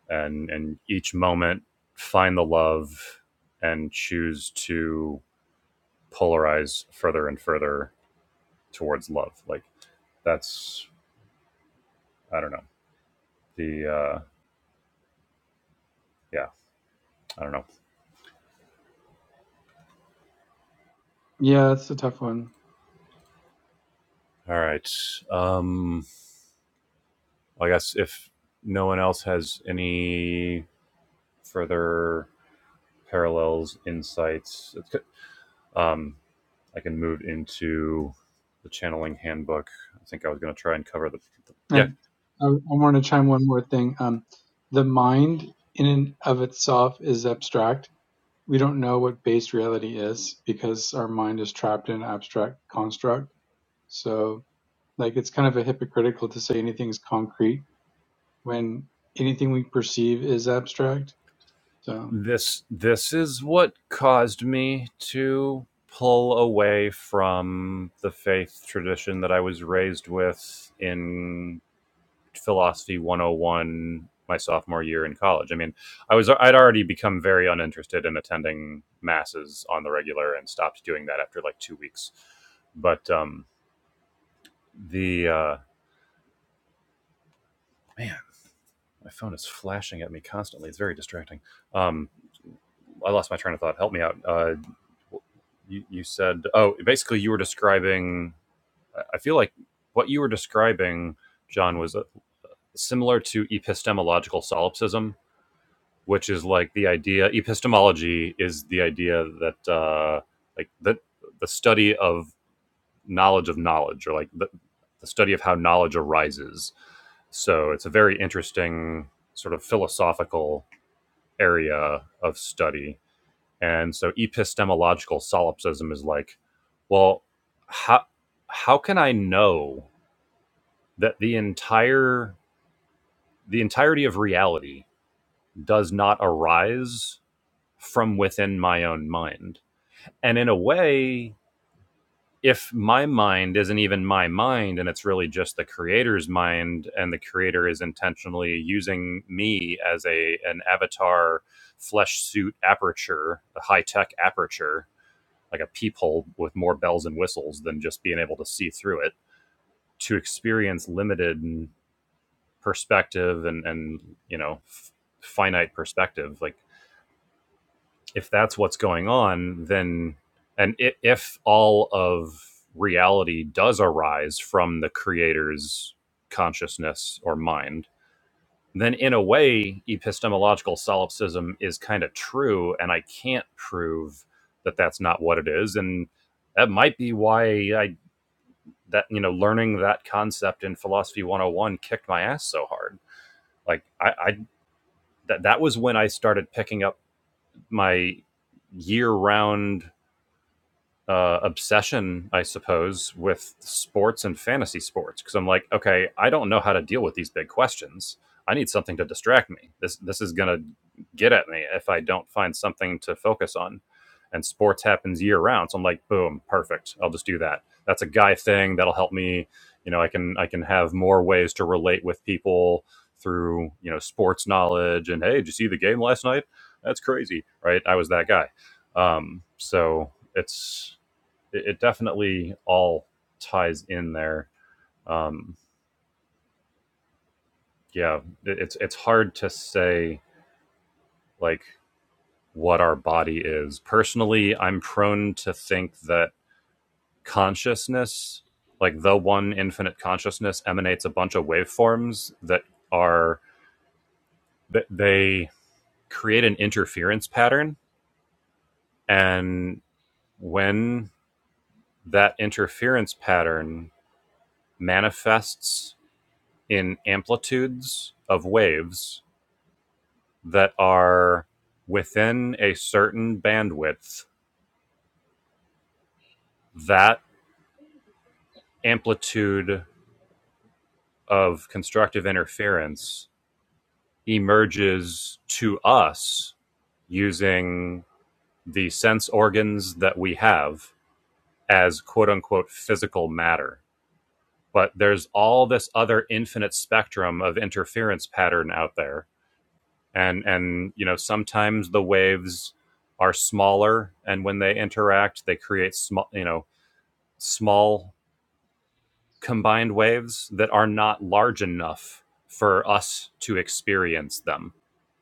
A: and and each moment find the love and choose to polarize further and further towards love. Like that's I don't know. The uh yeah, I don't know.
D: Yeah, that's a tough one.
A: All right. Um I guess if no one else has any further parallels, insights, um I can move into the channeling handbook. I think I was going to try and cover the, the
D: I,
A: yeah.
D: I, want to chime one more thing. Um, the mind in and of itself is abstract. We don't know what base reality is because our mind is trapped in an abstract construct. So, like, it's kind of a hypocritical to say anything is concrete when anything we perceive is abstract. So,
A: This this is what caused me to pull away from the faith tradition that I was raised with in philosophy 101 my sophomore year in college. I mean, I was I'd already become very uninterested in attending masses on the regular and stopped doing that after like 2 weeks. But um the uh man, my phone is flashing at me constantly. It's very distracting. Um I lost my train of thought. Help me out. Uh you, you said oh basically you were describing i feel like what you were describing john was uh, similar to epistemological solipsism which is like the idea epistemology is the idea that uh, like that the study of knowledge of knowledge or like the, the study of how knowledge arises so it's a very interesting sort of philosophical area of study and so epistemological solipsism is like well how how can i know that the entire the entirety of reality does not arise from within my own mind. And in a way, if my mind isn't even my mind and it's really just the creator's mind and the creator is intentionally using me as a an avatar flesh suit aperture, a high-tech aperture, like a peephole with more bells and whistles than just being able to see through it to experience limited perspective and and you know f- finite perspective like if that's what's going on, then and if, if all of reality does arise from the creator's consciousness or mind, then in a way, epistemological solipsism is kind of true, and I can't prove that that's not what it is, and that might be why I that you know learning that concept in philosophy 101 kicked my ass so hard. Like I, I that that was when I started picking up my year round uh, obsession, I suppose, with sports and fantasy sports because I'm like, okay, I don't know how to deal with these big questions. I need something to distract me. This this is gonna get at me if I don't find something to focus on. And sports happens year round, so I'm like, boom, perfect. I'll just do that. That's a guy thing that'll help me. You know, I can I can have more ways to relate with people through you know sports knowledge. And hey, did you see the game last night? That's crazy, right? I was that guy. Um, so it's it, it definitely all ties in there. Um, yeah, it, it's it's hard to say like what our body is. Personally, I'm prone to think that consciousness, like the one infinite consciousness, emanates a bunch of waveforms that are that they create an interference pattern, and when that interference pattern manifests in amplitudes of waves that are within a certain bandwidth, that amplitude of constructive interference emerges to us using the sense organs that we have as quote unquote physical matter. But there's all this other infinite spectrum of interference pattern out there. And, and, you know, sometimes the waves are smaller and when they interact, they create small, you know, small combined waves that are not large enough for us to experience them.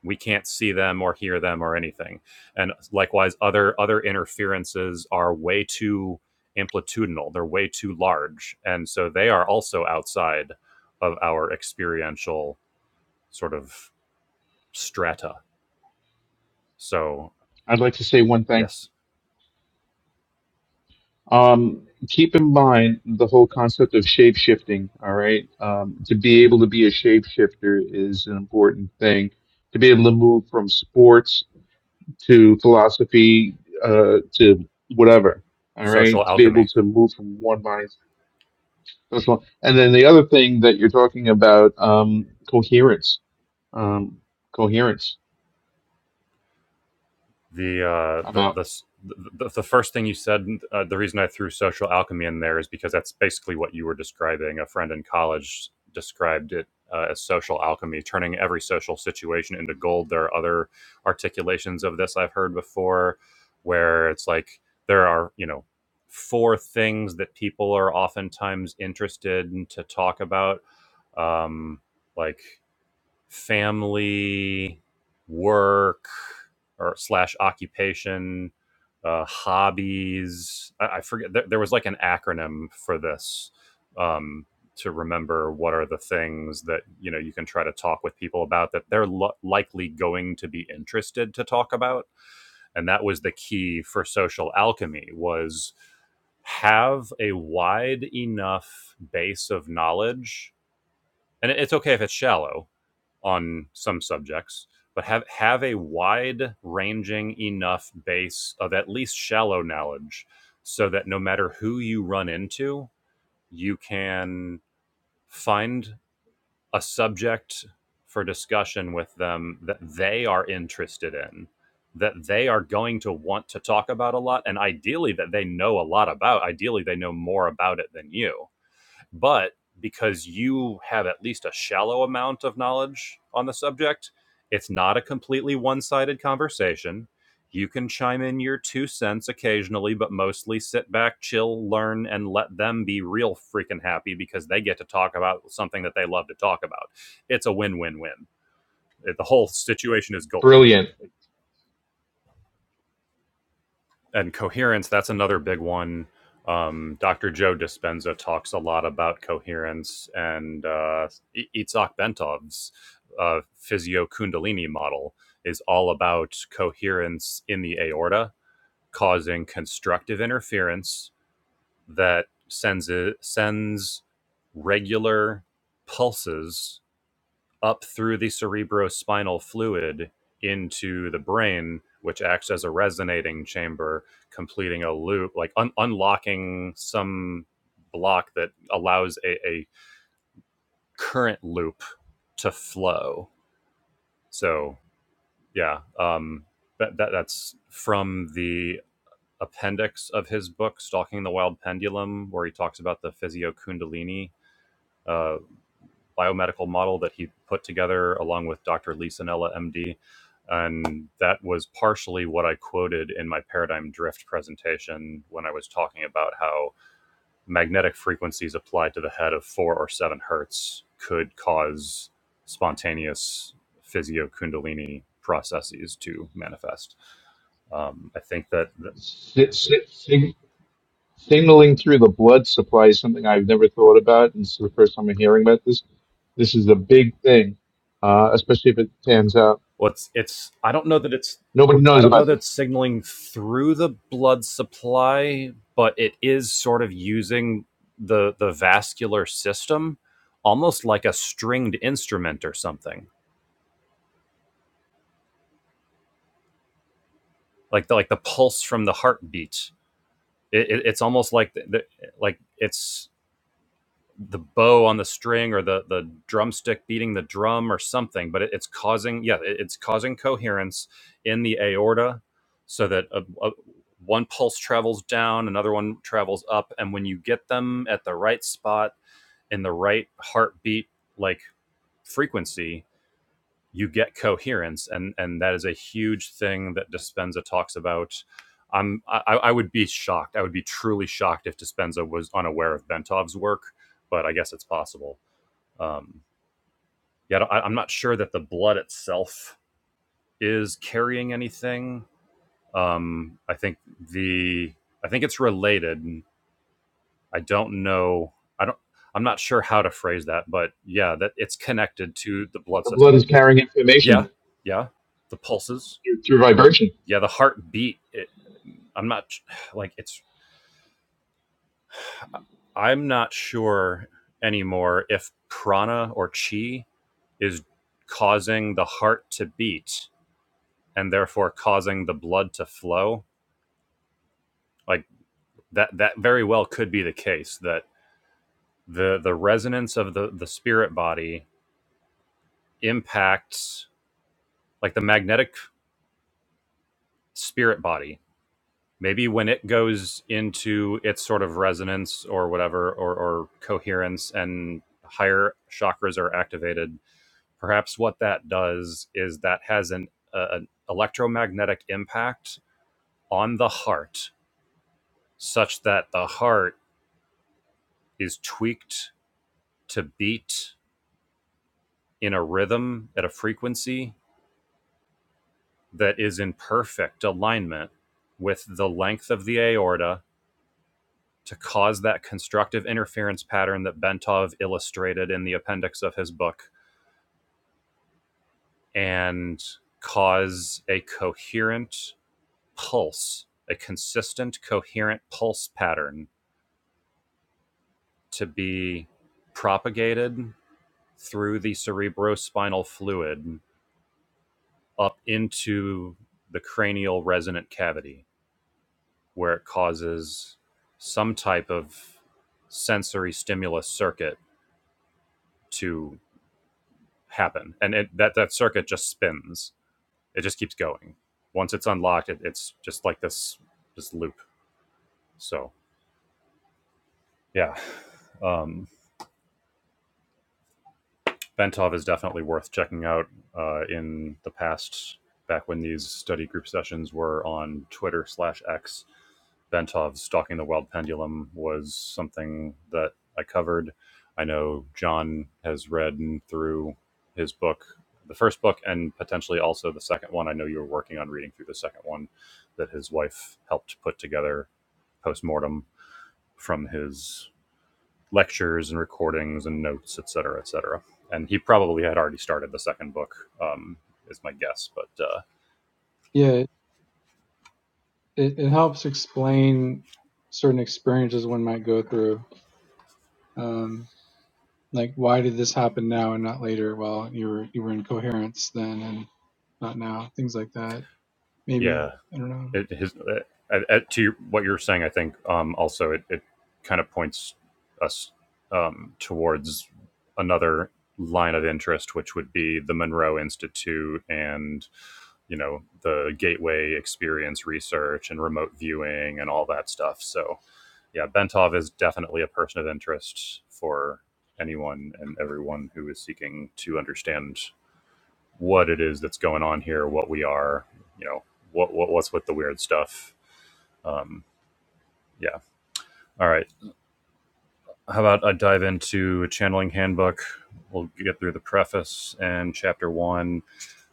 A: We can't see them or hear them or anything. And likewise, other other interferences are way too amplitudinal. They're way too large, and so they are also outside of our experiential sort of strata. So
C: I'd like to say one thing.
A: yes,
C: Um, keep in mind the whole concept of shape shifting. All right, um, to be able to be a shapeshifter is an important thing. To be able to move from sports to philosophy uh, to whatever. All right,
A: social
C: to be
A: alchemy.
C: able to move from one mind. That's one. And then the other thing that you're talking about, um, coherence. Um, coherence.
A: the uh,
C: I'm
A: the, the
C: out.
A: the the first thing you said. Uh, the reason I threw social alchemy in there is because that's basically what you were describing. A friend in college described it uh, as social alchemy, turning every social situation into gold. There are other articulations of this I've heard before, where it's like there are you know four things that people are oftentimes interested in to talk about um, like family, work, or slash occupation, uh, hobbies. I, I forget. There, there was like an acronym for this um, to remember what are the things that you know you can try to talk with people about that they're lo- likely going to be interested to talk about. And that was the key for social alchemy was have a wide enough base of knowledge and it's okay if it's shallow on some subjects, but have have a wide ranging enough base of at least shallow knowledge so that no matter who you run into, you can find a subject for discussion with them that they are interested in, that they are going to want to talk about a lot, and ideally that they know a lot about. Ideally, they know more about it than you but because you have at least a shallow amount of knowledge on the subject it's not a completely one-sided conversation you can chime in your two cents occasionally but mostly sit back chill learn and let them be real freaking happy because they get to talk about something that they love to talk about it's a win-win-win the whole situation is gold
C: Brilliant.
A: and coherence that's another big one um, dr joe dispenza talks a lot about coherence and uh, E-, itzhak bentov's uh, physio kundalini model is all about coherence in the aorta causing constructive interference that sends it, sends regular pulses up through the cerebrospinal fluid into the brain, which acts as a resonating chamber, completing a loop, like un- unlocking some block that allows a, a current loop to flow. So, yeah, um, that, that that's from the appendix of his book, Stalking the Wild Pendulum, where he talks about the physio kundalini uh, biomedical model that he put together along with Dr. Lisa Nella, MD. And that was partially what I quoted in my paradigm drift presentation when I was talking about how magnetic frequencies applied to the head of four or seven hertz could cause spontaneous physio kundalini processes to manifest. Um, I think that
C: signaling through the blood supply is something I've never thought about, and it's the first time I'm hearing about this. This is a big thing, uh, especially if it pans out.
A: Well, it's, it's I don't know that it's
C: Nobody
A: I
C: knows
A: don't know
C: about
A: that
C: this.
A: it's signaling through the blood supply, but it is sort of using the the vascular system almost like a stringed instrument or something, like the, like the pulse from the heartbeat. It, it, it's almost like the, the, like it's the bow on the string or the the drumstick beating the drum or something but it, it's causing yeah it- it's causing coherence in the aorta so that a, a- one pulse travels down another one travels up and when you get them at the right spot in the right heartbeat like frequency you get coherence and and that is a huge thing that dispenza talks about i'm i, I would be shocked i would be truly shocked if dispenza was unaware of bentov's work but i guess it's possible um, yeah, I I, am not sure that the blood itself is carrying anything. Um, I think the I think it's related. I don't know. I don't. I'm not sure how to phrase that, but yeah, that it's connected to the blood
C: The blood
A: system.
C: is carrying
A: Yeah,
C: information
A: yeah. The pulses.
C: through, through vibration.
A: Yeah, the heartbeat. It, I'm not like it's. I'm not sure anymore if prana or chi is causing the heart to beat and therefore causing the blood to flow like that that very well could be the case that the the resonance of the the spirit body impacts like the magnetic spirit body maybe when it goes into its sort of resonance or whatever or, or coherence and higher chakras are activated perhaps what that does is that has an, uh, an electromagnetic impact on the heart such that the heart is tweaked to beat in a rhythm at a frequency that is in perfect alignment with the length of the aorta to cause that constructive interference pattern that Bentov illustrated in the appendix of his book and cause a coherent pulse, a consistent, coherent pulse pattern to be propagated through the cerebrospinal fluid up into the cranial resonant cavity where it causes some type of sensory stimulus circuit to happen and it, that that circuit just spins it just keeps going once it's unlocked it, it's just like this this loop so yeah um Bentov is definitely worth checking out. Uh, in the past, back when these study group sessions were on Twitter slash X, Bentov's Stalking the Wild Pendulum was something that I covered. I know John has read through his book, the first book, and potentially also the second one. I know you were working on reading through the second one that his wife helped put together post mortem from his lectures and recordings and notes, et cetera, et cetera. And he probably had already started the second book, um, is my guess. But uh,
D: yeah, it, it, it helps explain certain experiences one might go through. Um, like, why did this happen now and not later? Well, you were you were in coherence then, and not now, things like that.
A: yeah,
D: Maybe I don't know.
A: it, his, uh, at- to your, what you're saying, I think um, also it, it kind of points us um, towards another line of interest, which would be the Monroe Institute and you know the Gateway Experience research and remote viewing and all that stuff. So yeah, Bentov is definitely a person of interest for anyone and everyone who is seeking to understand what it is that's going on here, what we are, you know, what, what what's with the weird stuff. Um, yeah. All right. How about I dive into a channeling handbook? We'll get through the preface and chapter one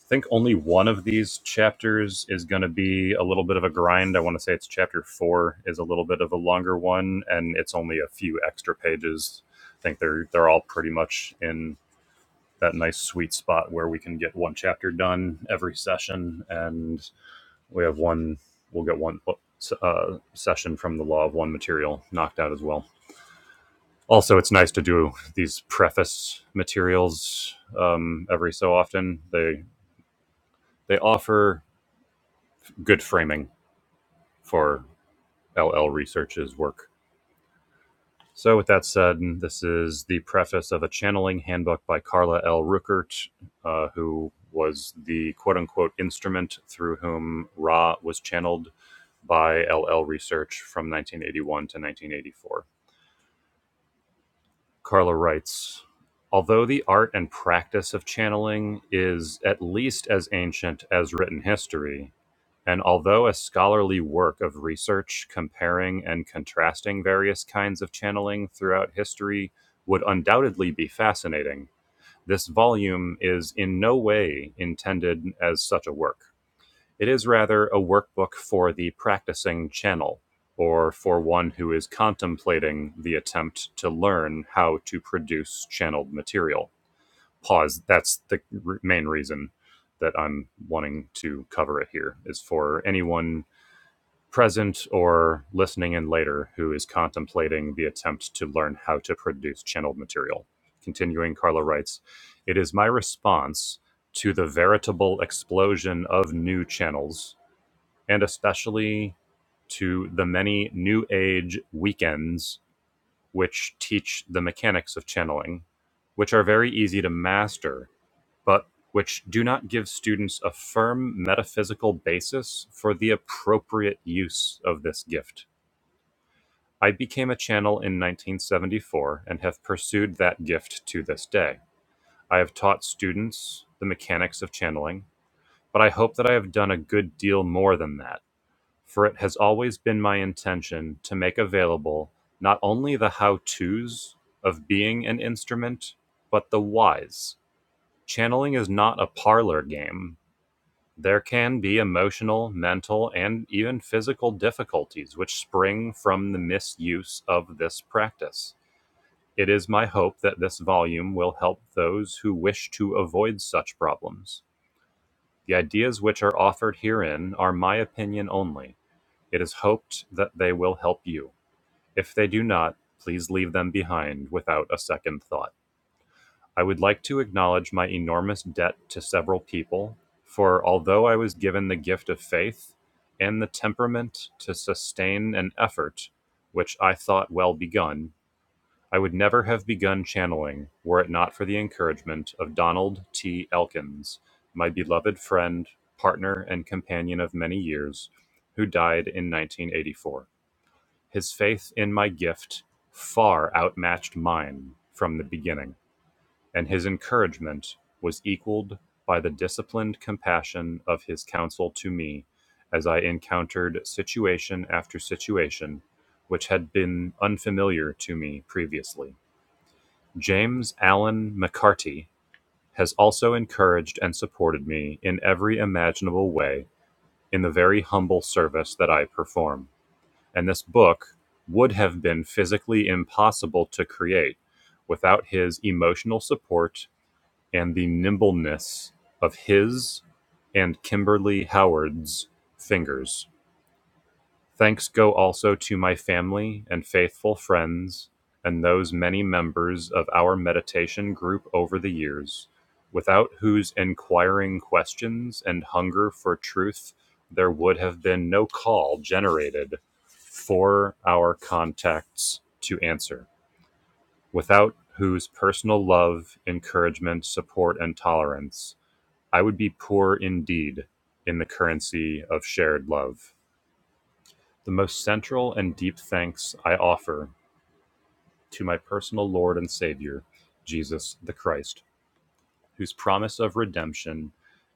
A: think only one of these chapters is going to be a little bit of a grind. I want to say it's chapter four is a little bit of a longer one, and it's only a few extra pages. I think they're they're all pretty much in that nice sweet spot where we can get one chapter done every session, and we have one. We'll get one uh, session from the Law of One material knocked out as well. Also, it's nice to do these preface materials um, every so often. They they offer good framing for LL Research's work. So, with that said, this is the preface of a channeling handbook by Carla L. Ruckert, uh, who was the quote unquote instrument through whom Ra was channeled by LL Research from 1981 to 1984. Carla writes Although the art and practice of channeling is at least as ancient as written history, and although a scholarly work of research comparing and contrasting various kinds of channeling throughout history would undoubtedly be fascinating, this volume is in no way intended as such a work. It is rather a workbook for the practicing channel, or for one who is contemplating the attempt to learn how to produce channeled material. Pause. That's the r- main reason that I'm wanting to cover it here is for anyone present or listening in later who is contemplating the attempt to learn how to produce channeled material. Continuing, Carla writes, It is my response to the veritable explosion of new channels, and especially to the many new age weekends which teach the mechanics of channeling, which are very easy to master but which do not give students a firm metaphysical basis for the appropriate use of this gift. I became a channel in 1974 and have pursued that gift to this day. I have taught students the mechanics of channeling, but I hope that I have done a good deal more than that, for it has always been my intention to make available not only the how to's of being an instrument, but the whys. Channeling is not a parlor game There can be emotional, mental, and even physical difficulties which spring from the misuse of this practice. It is my hope that this volume will help those who wish to avoid such problems. The ideas which are offered herein are my opinion only. It is hoped that they will help you. If they do not, please leave them behind without a second thought. I would like to acknowledge my enormous debt to several people, for although I was given the gift of faith and the temperament to sustain an effort which I thought well begun, I would never have begun channeling were it not for the encouragement of Donald T. Elkins, my beloved friend, partner, and companion of many years, who died in 1984. His faith in my gift far outmatched mine from the beginning. And his encouragement was equaled by the disciplined compassion of his counsel to me as I encountered situation after situation which had been unfamiliar to me previously. James Allen McCarty has also encouraged and supported me in every imaginable way in the very humble service that I perform. And this book would have been physically impossible to create without his emotional support and the nimbleness of his and Kimberly Howard's fingers. Thanks go also to my family and faithful friends and those many members of our meditation group over the years, without whose inquiring questions and hunger for truth there would have been no call generated for our contacts to answer, without whose personal love, encouragement, support, and tolerance I would be poor indeed in the currency of shared love. The most central and deep thanks I offer to my personal Lord and Savior, Jesus the Christ, whose promise of redemption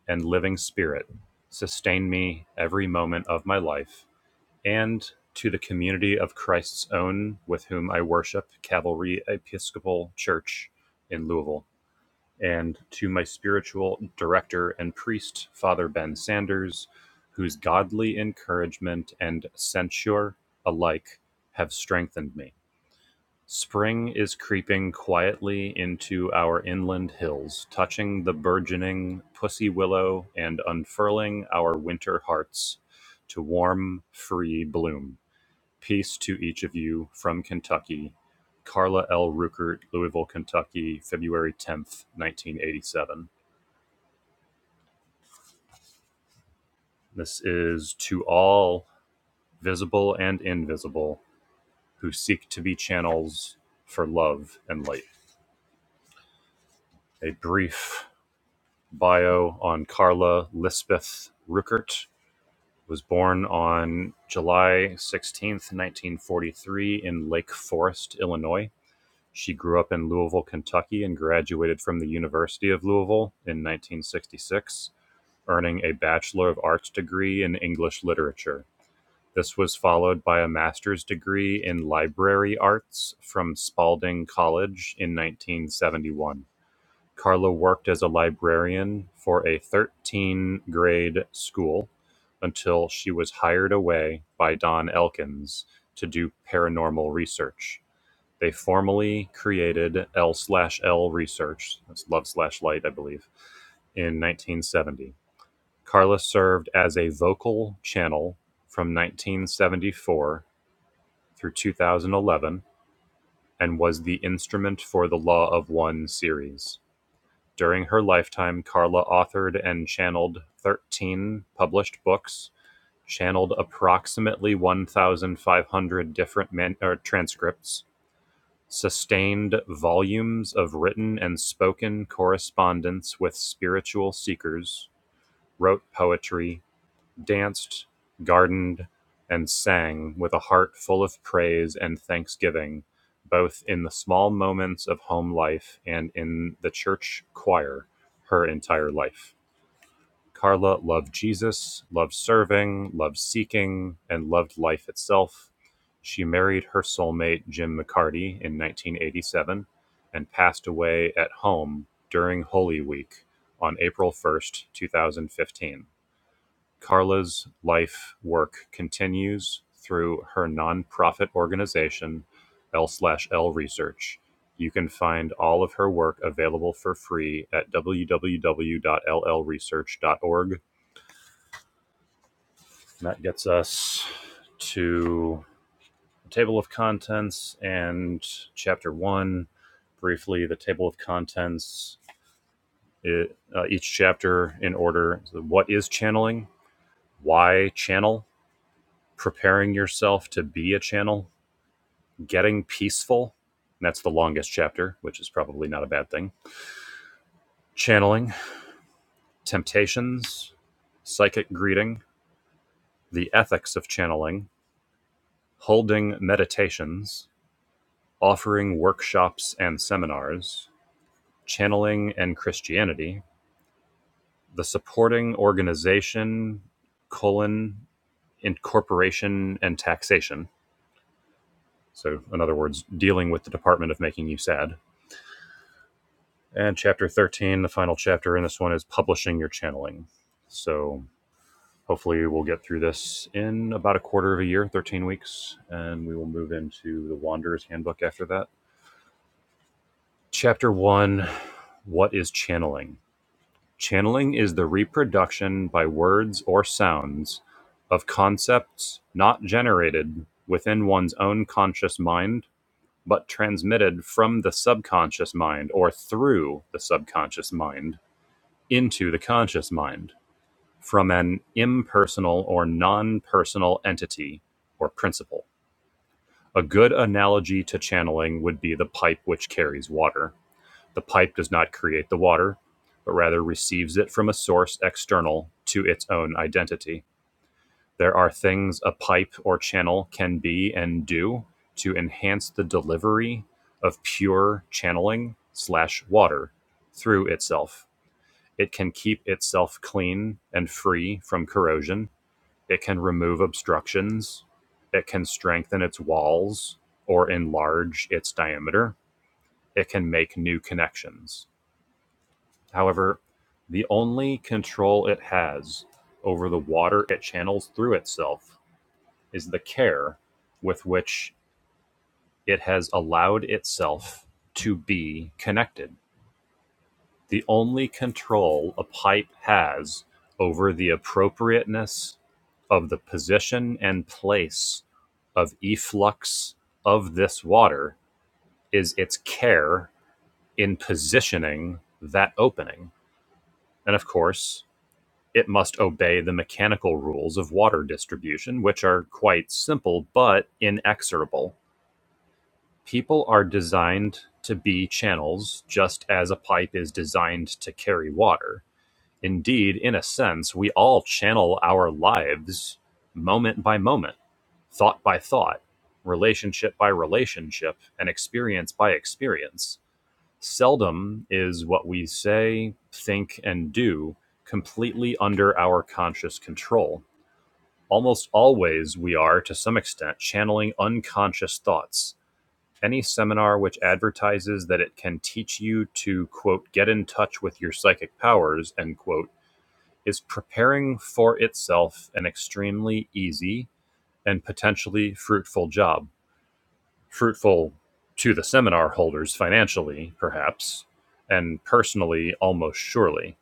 A: and living spirit sustain me every moment of my life, and to the community of Christ's own with whom I worship Cavalry Episcopal Church in Louisville. and to my spiritual director and priest, Father Ben Sanders, whose godly encouragement and censure alike have strengthened me. Spring is creeping quietly into our inland hills, touching the burgeoning pussy willow and unfurling our winter hearts to warm, free bloom. Peace to each of you from Kentucky. Carla L. Ruckert, Louisville, Kentucky, February 10th, 1987. This is to all visible and invisible who seek to be channels for love and light. A brief bio on Carla Lisbeth Ruckert was born on July 16th, 1943 in Lake Forest, Illinois. She grew up in Louisville, Kentucky and graduated from the University of Louisville in 1966, earning a Bachelor of Arts degree in English Literature. This was followed by a master's degree in Library Arts from Spalding College in nineteen-seventy-one. Carlo worked as a librarian for a thirteen-grade school until she was hired away by Don Elkins to do paranormal research. They formally created L slash L Research, that's Love slash Light, I believe, in 1970. Carla served as a vocal channel from nineteen seventy-four through two thousand eleven and was the instrument for the Law of One series. During her lifetime, Carla authored and channeled 13 published books, channeled approximately 1,500 different man- or transcripts, sustained volumes of written and spoken correspondence with spiritual seekers, wrote poetry, danced, gardened, and sang with a heart full of praise and thanksgiving, both in the small moments of home life and in the church choir her entire life. Carla loved Jesus, loved serving, loved seeking, and loved life itself. She married her soulmate, Jim McCarty, in 1987 and passed away at home during Holy Week on April 1st, 2015. Carla's life work continues through her nonprofit organization L/L Research. You can find all of her work available for free at www.llresearch.org. And that gets us to the table of contents and chapter one. Briefly, the table of contents, it, uh, each chapter in order. So What is channeling? Why channel? preparing yourself to be a channel, getting peaceful. And that's the longest chapter, which is probably not a bad thing. Channeling, temptations, psychic greeting, the ethics of channeling, holding meditations, offering workshops and seminars, channeling and Christianity, the supporting organization, colon, incorporation and taxation. So, in other words, dealing with the Department of Making You Sad And chapter 13, the final chapter in this one is publishing your channeling. So hopefully we'll get through this in about a quarter of a year, 13 weeks, and we will move into the Wanderer's Handbook after that. Chapter 1 What is channeling? Channeling is the reproduction by words or sounds of concepts not generated within one's own conscious mind, but transmitted from the subconscious mind or through the subconscious mind into the conscious mind from an impersonal or non personal entity or principle. A good analogy to channeling would be the pipe which carries water. The pipe does not create the water, but rather receives it from a source external to its own identity. There are things a pipe or channel can be and do to enhance the delivery of pure channeling slash water through itself it can keep itself clean and free from corrosion. It can remove obstructions. It can strengthen its walls or enlarge its diameter. It can make new connections. However, the only control it has over the water it channels through itself is the care with which it has allowed itself to be connected. The only control a pipe has over the appropriateness of the position and place of efflux of this water is its care in positioning that opening. And of course, it must obey the mechanical rules of water distribution, which are quite simple but inexorable. People are designed to be channels just as a pipe is designed to carry water Indeed, in a sense, we all channel our lives moment by moment, thought by thought, relationship by relationship, and experience by experience. Seldom is what we say, think, and do completely under our conscious control. Almost always, we are, to some extent, channeling unconscious thoughts. Any seminar which advertises that it can teach you to, quote, get in touch with your psychic powers, end quote is preparing for itself an extremely easy and potentially fruitful job. Fruitful to the seminar holders financially, perhaps, and personally, almost surely.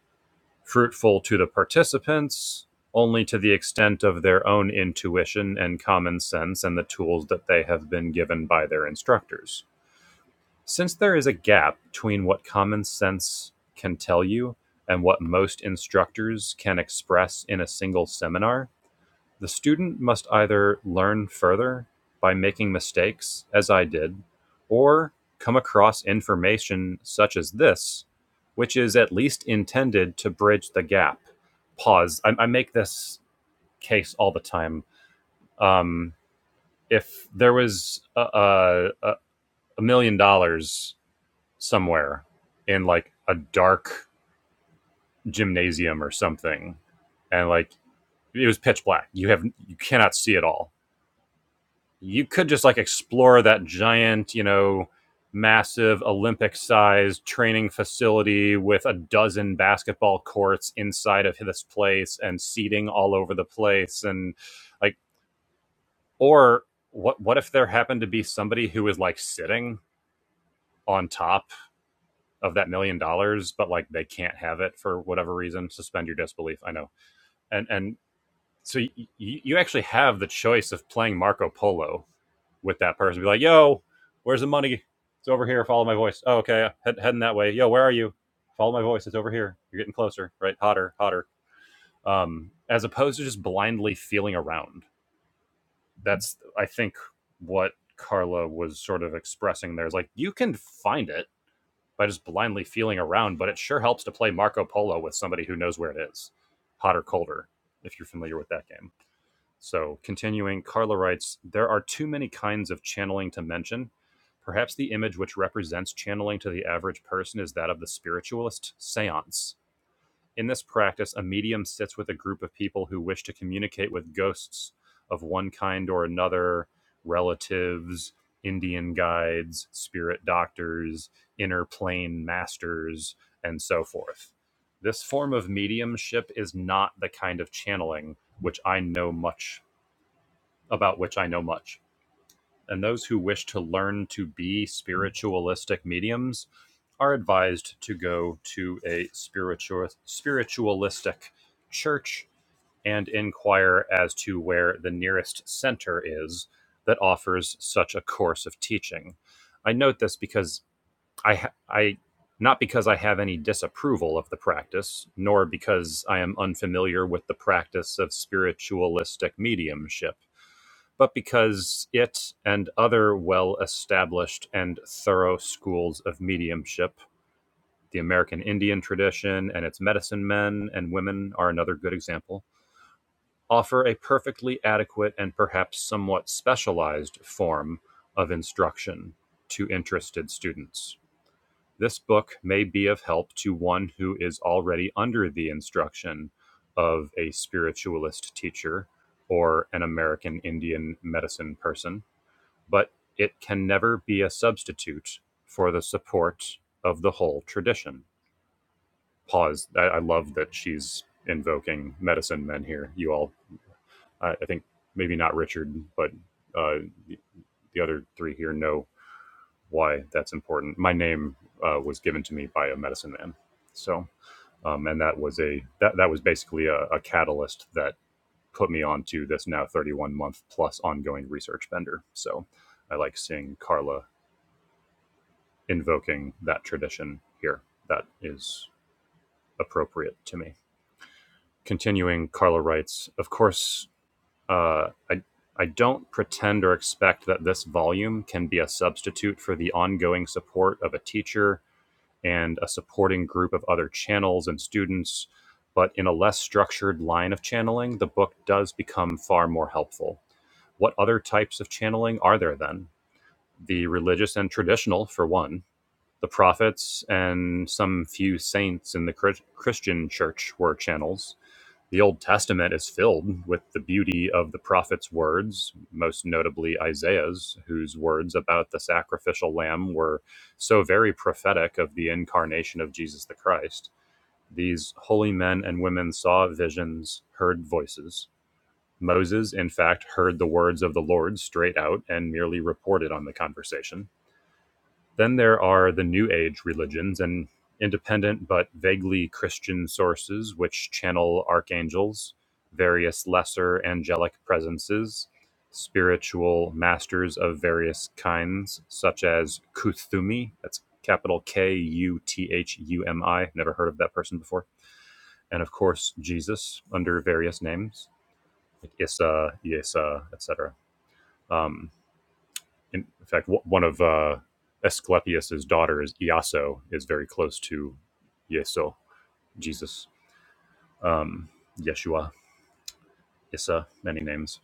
A: Fruitful to the participants, only to the extent of their own intuition and common sense and the tools that they have been given by their instructors since there is a gap between what common sense can tell you and what most instructors can express in a single seminar, the student must either learn further by making mistakes, as I did, or come across information such as this, which is at least intended to bridge the gap. Pause. I, I make this case all the time. Um, if there was a, a, a million dollars somewhere in like a dark gymnasium or something and like it was pitch black you have you cannot see it all you could just like explore that giant you know massive olympic sized training facility with a dozen basketball courts inside of this place and seating all over the place and like or what what if there happened to be somebody who is like sitting on top of that million dollars, but like they can't have it for whatever reason. Suspend your disbelief. I know, and and so y- you actually have the choice of playing Marco Polo with that person. Be like, yo, where's the money? It's over here. Follow my voice. Oh, okay, head, heading that way. Yo, where are you? Follow my voice. It's over here. You're getting closer. Right, hotter, hotter. Um, as opposed to just blindly feeling around. That's I think what Carla was sort of expressing there is like you can find it by just blindly feeling around, but it sure helps to play Marco Polo with somebody who knows where it is, hot or colder, if you're familiar with that game. So, continuing, Carla writes There are too many kinds of channeling to mention. Perhaps the image which represents channeling to the average person is that of the spiritualist seance in this practice, a medium sits with a group of people who wish to communicate with ghosts of one kind or another, relatives, Indian guides, spirit doctors, inner plane masters, and so forth. This form of mediumship is not the kind of channeling which I know much about which I know much and those who wish to learn to be spiritualistic mediums are advised to go to a spiritual spiritualistic church and inquire as to where the nearest center is that offers such a course of teaching. I note this because I ha- I not because I have any disapproval of the practice, nor because I am unfamiliar with the practice of spiritualistic mediumship but because it and other well established and thorough schools of mediumship, the American Indian tradition and its medicine men and women are another good example, offer a perfectly adequate and perhaps somewhat specialized form of instruction to interested students. This book may be of help to one who is already under the instruction of a spiritualist teacher or an American Indian medicine person but it can never be a substitute for the support of the whole tradition. Pause. I, I love that she's invoking medicine men here. You all, I, I think maybe not Richard, but uh, the, the other three here know why that's important. My name uh, was given to me by a medicine man, so um, and that was a that that was basically a, a catalyst that put me onto this now 31 month plus ongoing research bender. So I like seeing Carla invoking that tradition here. That is appropriate to me. Continuing, Carla writes, of course, uh, I, I don't pretend or expect that this volume can be a substitute for the ongoing support of a teacher and a supporting group of other channels and students, but in a less structured line of channeling, the book does become far more helpful. What other types of channeling are there then? The religious and traditional, for one The prophets and some few saints in the Christian church were channels. The Old Testament is filled with the beauty of the prophets' words, most notably Isaiah's, whose words about the sacrificial lamb were so very prophetic of the incarnation of Jesus the Christ. These holy men and women saw visions, heard voices. Moses, in fact, heard the words of the Lord straight out and merely reported on the conversation then there are the New Age religions and independent but vaguely Christian sources which channel archangels, various lesser angelic presences, spiritual masters of various kinds, such as Kuthumi, that's capital K U T H U M I, never heard of that person before, and of course Jesus under various names, like Issa, Yesa, etc in fact, one of uh, Asclepius's daughters, Iaso, is very close to Yeso, Jesus, um, Yeshua, Issa, many names.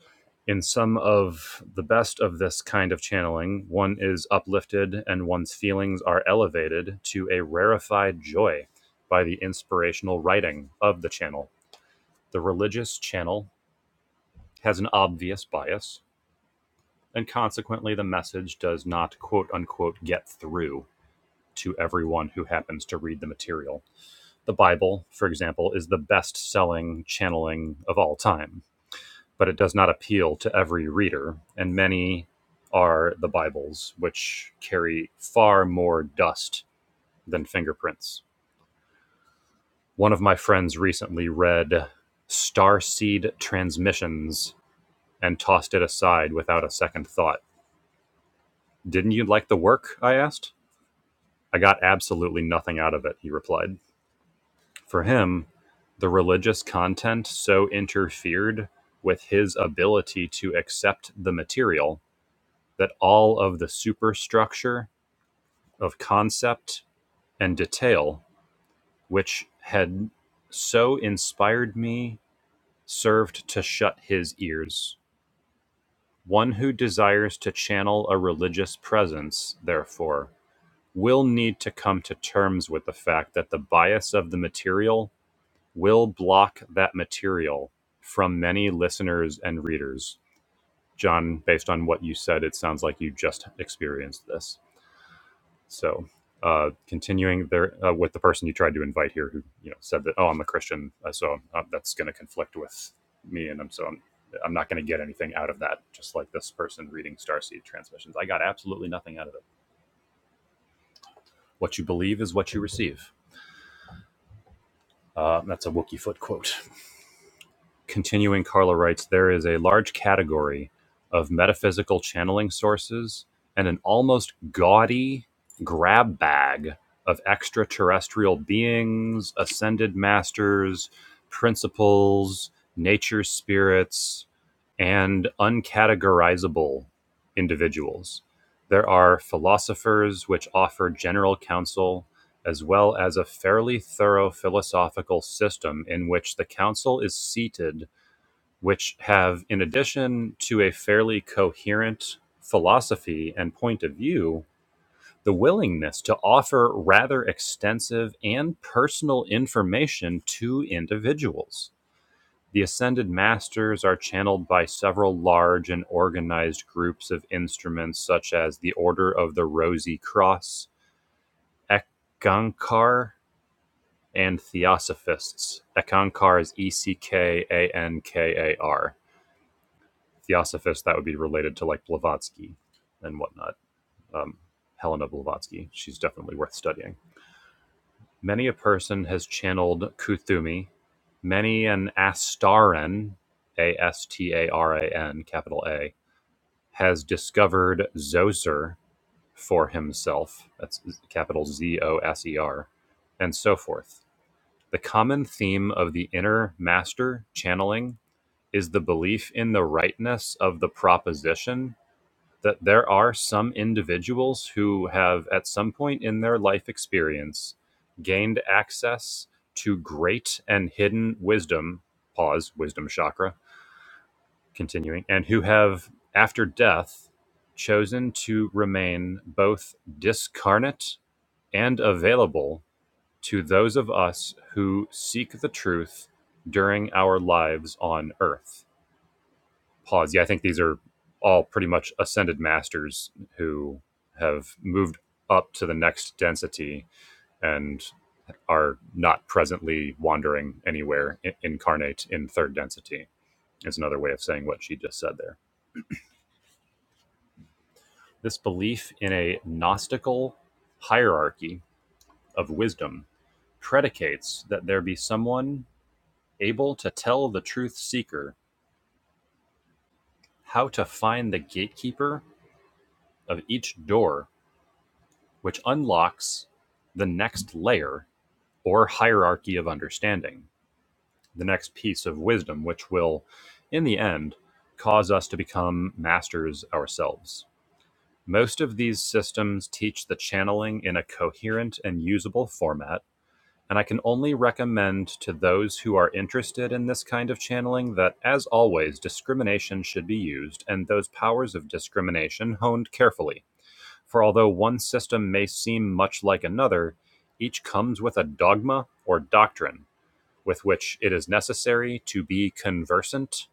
A: In some of the best of this kind of channeling, one is uplifted and one's feelings are elevated to a rarefied joy by the inspirational writing of the channel. The religious channel has an obvious bias, and consequently, the message does not quote unquote get through to everyone who happens to read the material. The Bible, for example, is the best selling channeling of all time, but it does not appeal to every reader, and many are the Bibles, which carry far more dust than fingerprints. One of my friends recently read Starseed Transmissions and tossed it aside without a second thought. Didn't you like the work? I asked. I got absolutely nothing out of it, he replied. For him, the religious content so interfered with his ability to accept the material that all of the superstructure of concept and detail, which had so inspired me, served to shut his ears. One who desires to channel a religious presence, therefore, will need to come to terms with the fact that the bias of the material will block that material from many listeners and readers. John, based on what you said, it sounds like you just experienced this. So, uh, continuing there uh, with the person you tried to invite here, who you know said that, "Oh, I'm a Christian, uh, so uh, that's going to conflict with me," and I'm so I'm, I'm not going to get anything out of that. Just like this person reading Starseed Transmissions, I got absolutely nothing out of it. What you believe is what you receive. Uh, that's a Wookiee foot quote. Continuing, Carla writes There is a large category of metaphysical channeling sources and an almost gaudy grab bag of extraterrestrial beings, ascended masters, principles, nature spirits, and uncategorizable individuals. There are philosophers which offer general counsel, as well as a fairly thorough philosophical system in which the council is seated which have, in addition to a fairly coherent philosophy and point of view, the willingness to offer rather extensive and personal information to individuals. The ascended masters are channeled by several large and organized groups of instruments, such as the Order of the Rosy Cross, Ekankar, and Theosophists. Ekankar is E C K A N K A R Theosophist, that would be related to like Blavatsky and whatnot. Um, Helena Blavatsky, she's definitely worth studying. Many a person has channeled Kuthumi, many an Astarian, A S T A R A N, capital A, has discovered Zoser for himself, that's capital Z O S E R, and so forth. The common theme of the inner master channeling is the belief in the rightness of the proposition that there are some individuals who have, at some point in their life experience, gained access to great and hidden wisdom, pause, wisdom chakra, continuing, and who have, after death, chosen to remain both discarnate and available to those of us who seek the truth during our lives on earth pause. Yeah, I think these are all pretty much ascended masters who have moved up to the next density and are not presently wandering anywhere incarnate in third density is another way of saying what she just said there this belief in a gnostical hierarchy of wisdom predicates that there be someone able to tell the truth seeker how to find the gatekeeper of each door which unlocks the next layer or hierarchy of understanding, the next piece of wisdom, which will, in the end, cause us to become masters ourselves. Most of these systems teach the channeling in a coherent and usable format, and I can only recommend to those who are interested in this kind of channeling that, as always, discrimination should be used and those powers of discrimination honed carefully for although one system may seem much like another, each comes with a dogma or doctrine with which it is necessary to be conversant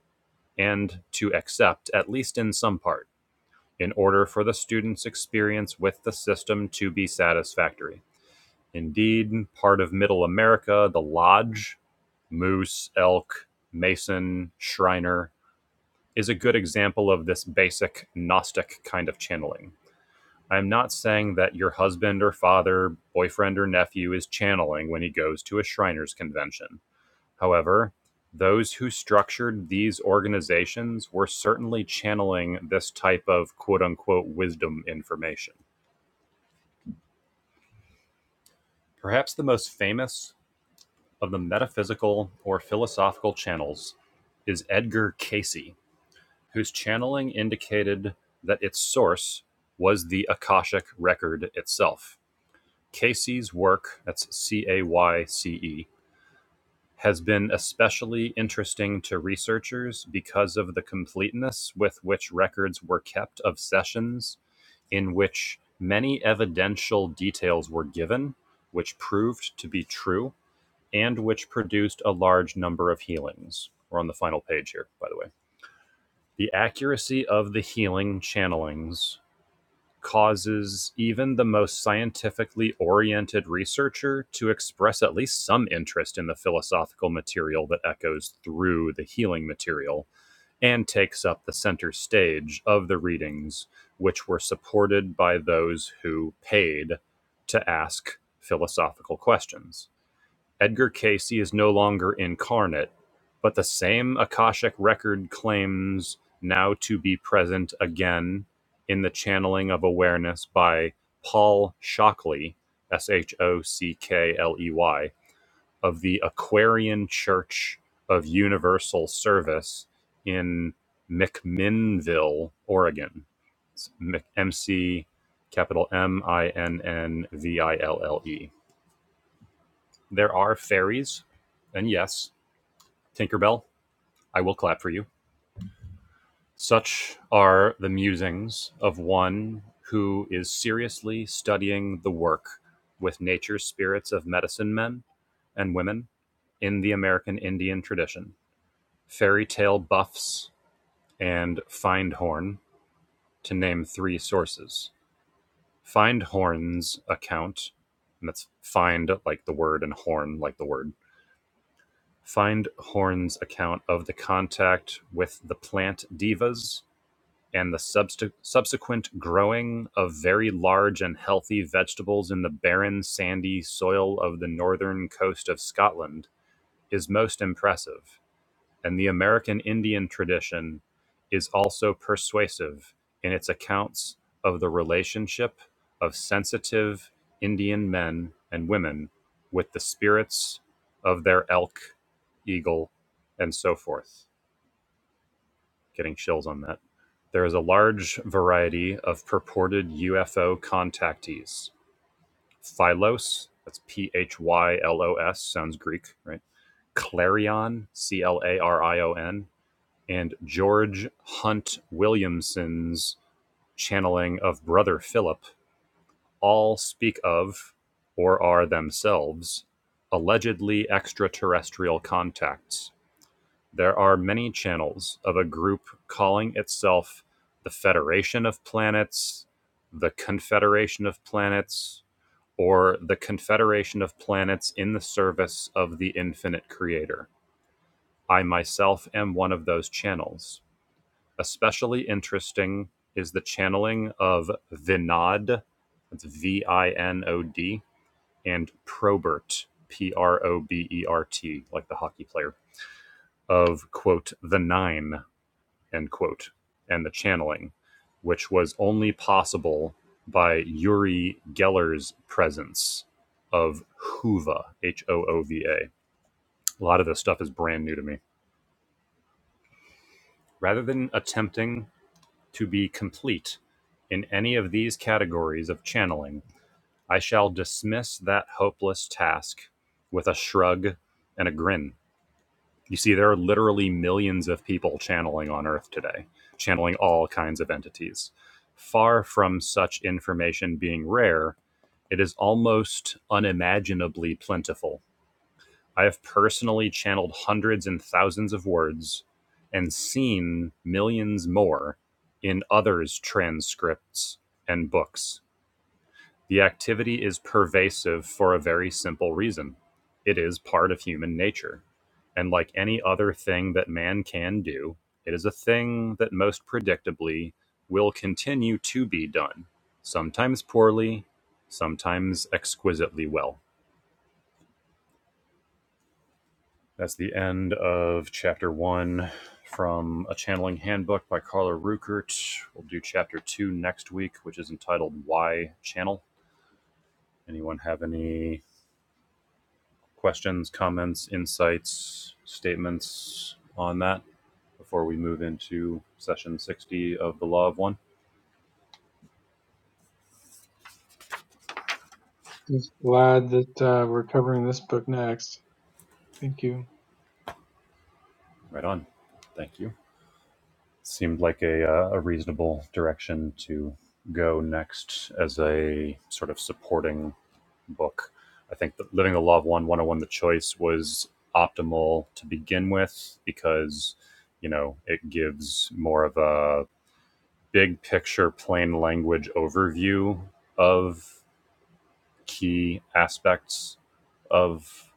A: and to accept, at least in some part, in order for the student's experience with the system to be satisfactory. Indeed, part of Middle America, the lodge, moose, elk, mason, shriner, is a good example of this basic Gnostic kind of channeling. I'm not saying that your husband or father, boyfriend or nephew is channeling when he goes to a Shriners convention. However, those who structured these organizations were certainly channeling this type of quote unquote wisdom information. Perhaps the most famous of the metaphysical or philosophical channels is Edgar Casey, whose channeling indicated that its source was the Akashic record itself. Casey's work (that's cayce has been especially interesting to researchers because of the completeness with which records were kept of sessions in which many evidential details were given, which proved to be true, and which produced a large number of healings. We're on the final page here, by the way. The accuracy of the healing channelings causes even the most scientifically oriented researcher to express at least some interest in the philosophical material that echoes through the healing material and takes up the center stage of the readings, which were supported by those who paid to ask philosophical questions. Edgar Casey is no longer incarnate, but the same Akashic record claims now to be present again in the channeling of awareness by Paul Shockley, S H O C K L E Y, of the Aquarian Church of Universal Service in McMinnville, Oregon. It's Mc- M C capital M I N N V I L L E. There are fairies, and yes, Tinkerbell, I will clap for you. Such are the musings of one who is seriously studying the work with nature's spirits of medicine men and women in the American Indian tradition. Fairy tale buffs and Findhorn, to name three sources. Findhorn's account, and that's find like the word and horn like the word Find Horn's account of the contact with the plant divas and the subst- subsequent growing of very large and healthy vegetables in the barren, sandy soil of the northern coast of Scotland is most impressive and the American Indian tradition is also persuasive in its accounts of the relationship of sensitive Indian men and women with the spirits of their elk, eagle, and so forth. Getting chills on that. There is a large variety of purported UFO contactees. Phylos, that's P H Y L O S, sounds Greek, right? Clarion, C L A R I O N and George Hunt Williamson's channeling of Brother Philip all speak of, or are themselves, allegedly extraterrestrial contacts. There are many channels of a group calling itself the Federation of Planets, the Confederation of Planets, or the Confederation of Planets in the service of the Infinite Creator. I myself am one of those channels. Especially interesting is the channeling of Vinod, that's V I N O D, and Probert, P R O B E R T, like the hockey player, of, quote, the nine, end quote, and the channeling, which was only possible by Yuri Geller's presence of Hoova, H O O V A. A lot of this stuff is brand new to me. Rather than attempting to be complete in any of these categories of channeling, I shall dismiss that hopeless task with a shrug and a grin. You see, there are literally millions of people channeling on Earth today, channeling all kinds of entities. Far from such information being rare, it is almost unimaginably plentiful I have personally channeled hundreds and thousands of words and seen millions more in others' transcripts and books. The activity is pervasive for a very simple reason it is part of human nature. And like any other thing that man can do, it is a thing that most predictably will continue to be done, sometimes poorly, sometimes exquisitely well. That's the end of chapter one from A Channeling Handbook by Carla Ruckert. We'll do chapter two next week, which is entitled Why Channel. Anyone have any questions, comments, insights, statements on that before we move into session 60 of The Law of One?
D: Just glad that uh, we're covering this book next. Thank you.
A: Right on. Thank you. Seemed like a, uh, a reasonable direction to go next as a sort of supporting book. I think that Living the Law of One 101 The Choice was optimal to begin with because, you know, it gives more of a big picture, plain language overview of key aspects of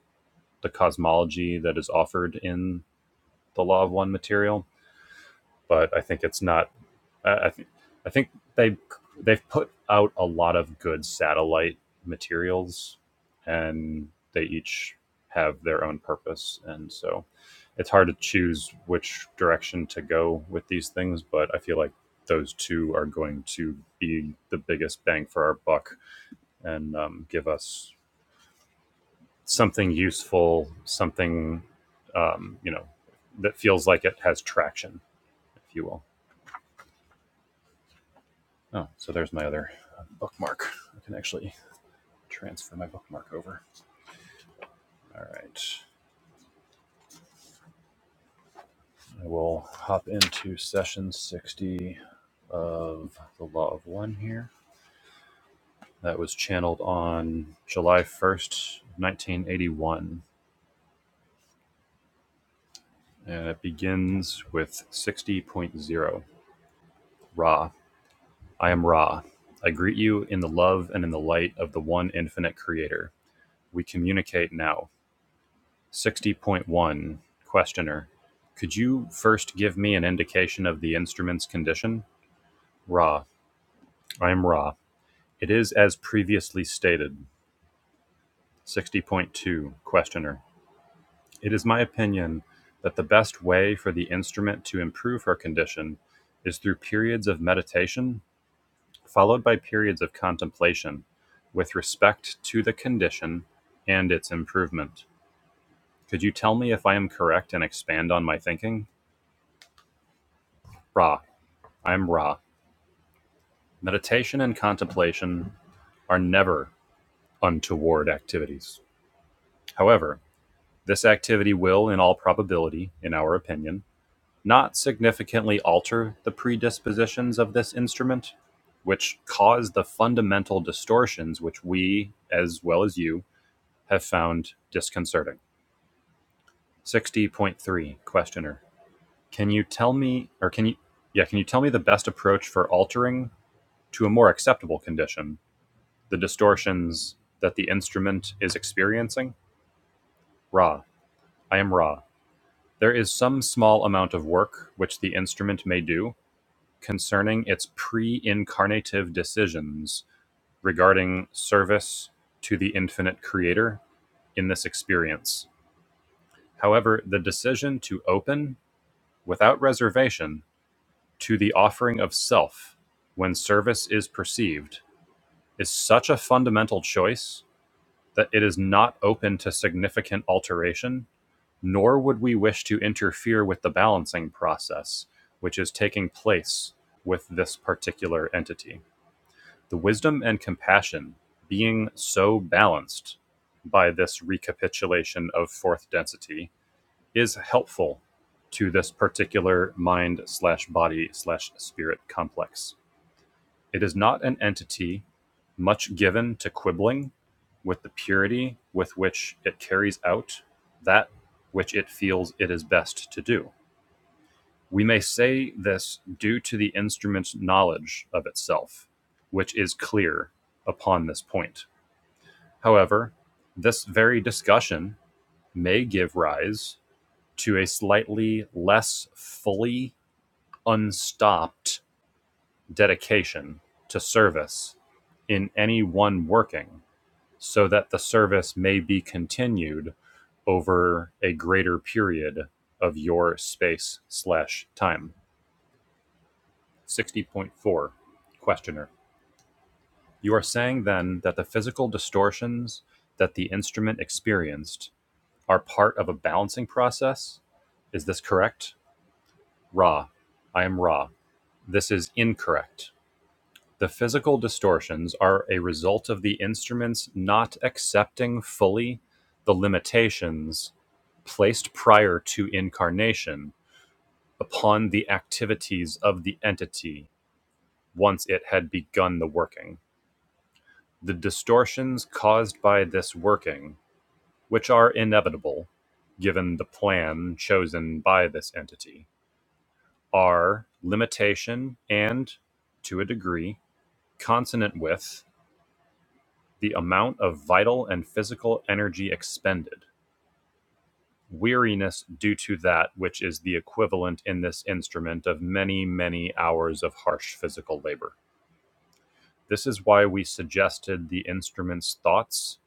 A: the cosmology that is offered in the Law of One material. But I think it's not I, I think I think they they've put out a lot of good satellite materials, and they each have their own purpose, and so it's hard to choose which direction to go with these things. But I feel like those two are going to be the biggest bang for our buck and um, give us something useful, something um, you know that feels like it has traction, if you will. Oh, so there's my other uh, bookmark. I can actually transfer my bookmark over. All right. I will hop into session 60 of the Law of One here. That was channeled on July 1st, 1981. And it begins with sixty point zero. Ra. I am Ra. I greet you in the love and in the light of the one infinite creator. We communicate now. 60.1 Questioner. Could you first give me an indication of the instrument's condition? Ra. I am Ra. It is as previously stated. 60.2 Questioner. It is my opinion that the best way for the instrument to improve her condition is through periods of meditation followed by periods of contemplation with respect to the condition and its improvement. Could you tell me if I am correct and expand on my thinking? Ra. I am Ra. Meditation and contemplation are never untoward activities. However, this activity will, in all probability, in our opinion, not significantly alter the predispositions of this instrument, which cause the fundamental distortions which we, as well as you, have found disconcerting. 60.3 Questioner. Can you tell me, or can you, yeah, can you tell me the best approach for altering to a more acceptable condition the distortions that the instrument is experiencing? Ra. I am Ra. There is some small amount of work which the instrument may do concerning its pre incarnative decisions regarding service to the infinite creator in this experience. However, the decision to open without reservation to the offering of self when service is perceived is such a fundamental choice that it is not open to significant alteration Nor would we wish to interfere with the balancing process which is taking place with this particular entity. The wisdom and compassion being so balanced by this recapitulation of fourth density is helpful to this particular mind slash body slash spirit complex. It is not an entity much given to quibbling with the purity with which it carries out that which it feels it is best to do. We may say this due to the instrument's knowledge of itself, which is clear upon this point. However, this very discussion may give rise to a slightly less fully unstopped dedication to service in any one working so that the service may be continued over a greater period of your space slash time 60.4 questioner you are saying then that the physical distortions that the instrument experienced are part of a balancing process is this correct ra i am ra this is incorrect The physical distortions are a result of the instrument's not accepting fully the limitations placed prior to incarnation upon the activities of the entity once it had begun the working. The distortions caused by this working, which are inevitable given the plan chosen by this entity, are limitation and, to a degree, consonant with. The amount of vital and physical energy expended; weariness due to that which is the equivalent in this instrument of many, many hours of harsh physical labor. This is why we suggested the instrument's thoughts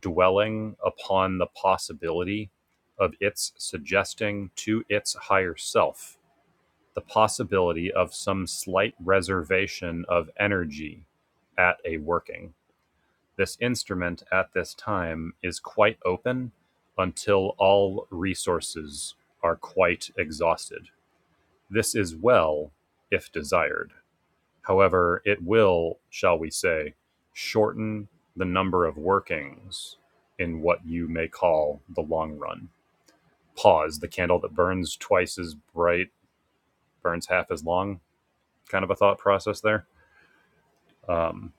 A: dwelling upon the possibility of its suggesting to its higher self the possibility of some slight reservation of energy at a working. This instrument at this time is quite open until all resources are quite exhausted. This is well if desired. However, it will, shall we say, shorten the number of workings in what you may call the long run. Pause, the candle that burns twice as bright burns half as long, kind of a thought process there. Um,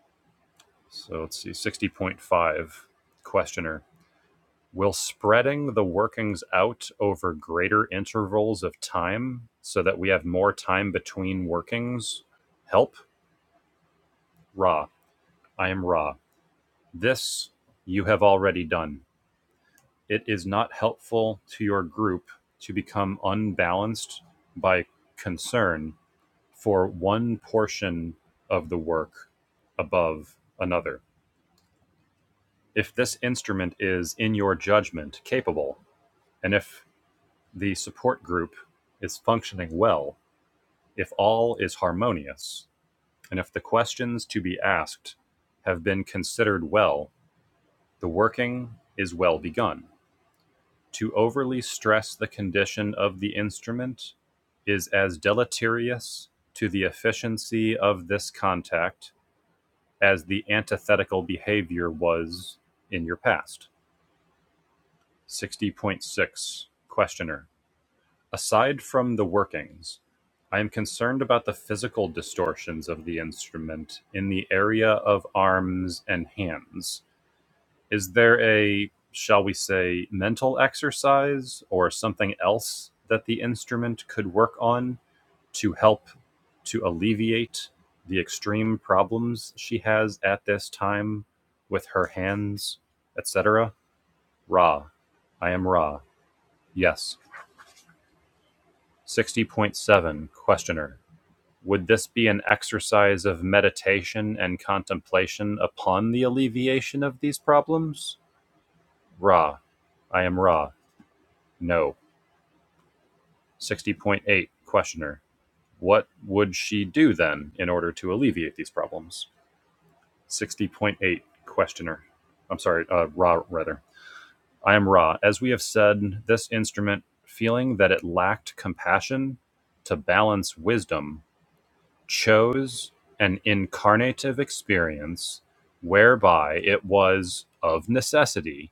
A: so let's see, 60.5 questioner. Will spreading the workings out over greater intervals of time so that we have more time between workings help? Ra, I am Ra. This you have already done. It is not helpful to your group to become unbalanced by concern for one portion of the work above another. If this instrument is, in your judgment, capable, and if The support group is functioning well if all is harmonious and if the questions to be asked have been considered well, the working is well begun. To overly stress the condition of the instrument is as deleterious to the efficiency of this contact as the antithetical behavior was in your past. 60.6 Questioner Aside from the workings, I am concerned about the physical distortions of the instrument in the area of arms and hands. Is there a, shall we say, mental exercise or something else that the instrument could work on to help to alleviate the extreme problems she has at this time with her hands, etc.? Ra. I am Ra. Yes. 60.7. Questioner. Would this be an exercise of meditation and contemplation upon the alleviation of these problems? Ra. I am Ra. No. 60.8. Questioner. What would she do then in order to alleviate these problems? 60.8. Questioner. I'm sorry, uh, Ra, rather. I am Ra. As we have said, this instrument, feeling that it lacked compassion to balance wisdom, chose an incarnative experience whereby it was of necessity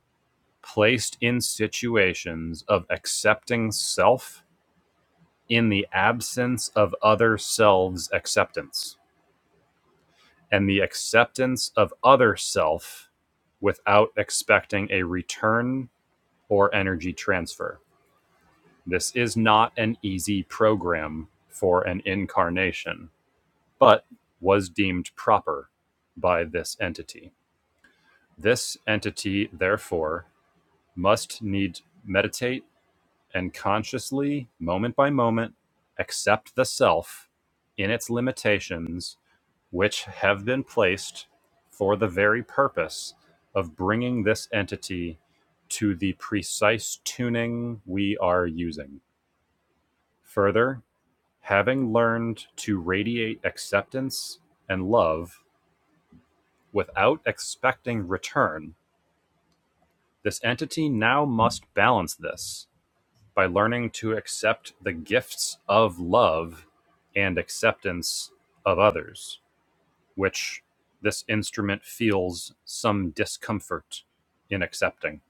A: placed in situations of accepting self in the absence of other selves acceptance and the acceptance of other self without expecting a return or energy transfer this is not an easy program for an incarnation but was deemed proper by this entity. This entity, therefore, must need meditate and consciously, moment by moment, accept the self in its limitations, which have been placed for the very purpose of bringing this entity to the precise tuning we are using. Further, having learned to radiate acceptance and love Without expecting return, this entity now must balance this by learning to accept the gifts of love and acceptance of others, which this instrument feels some discomfort in accepting.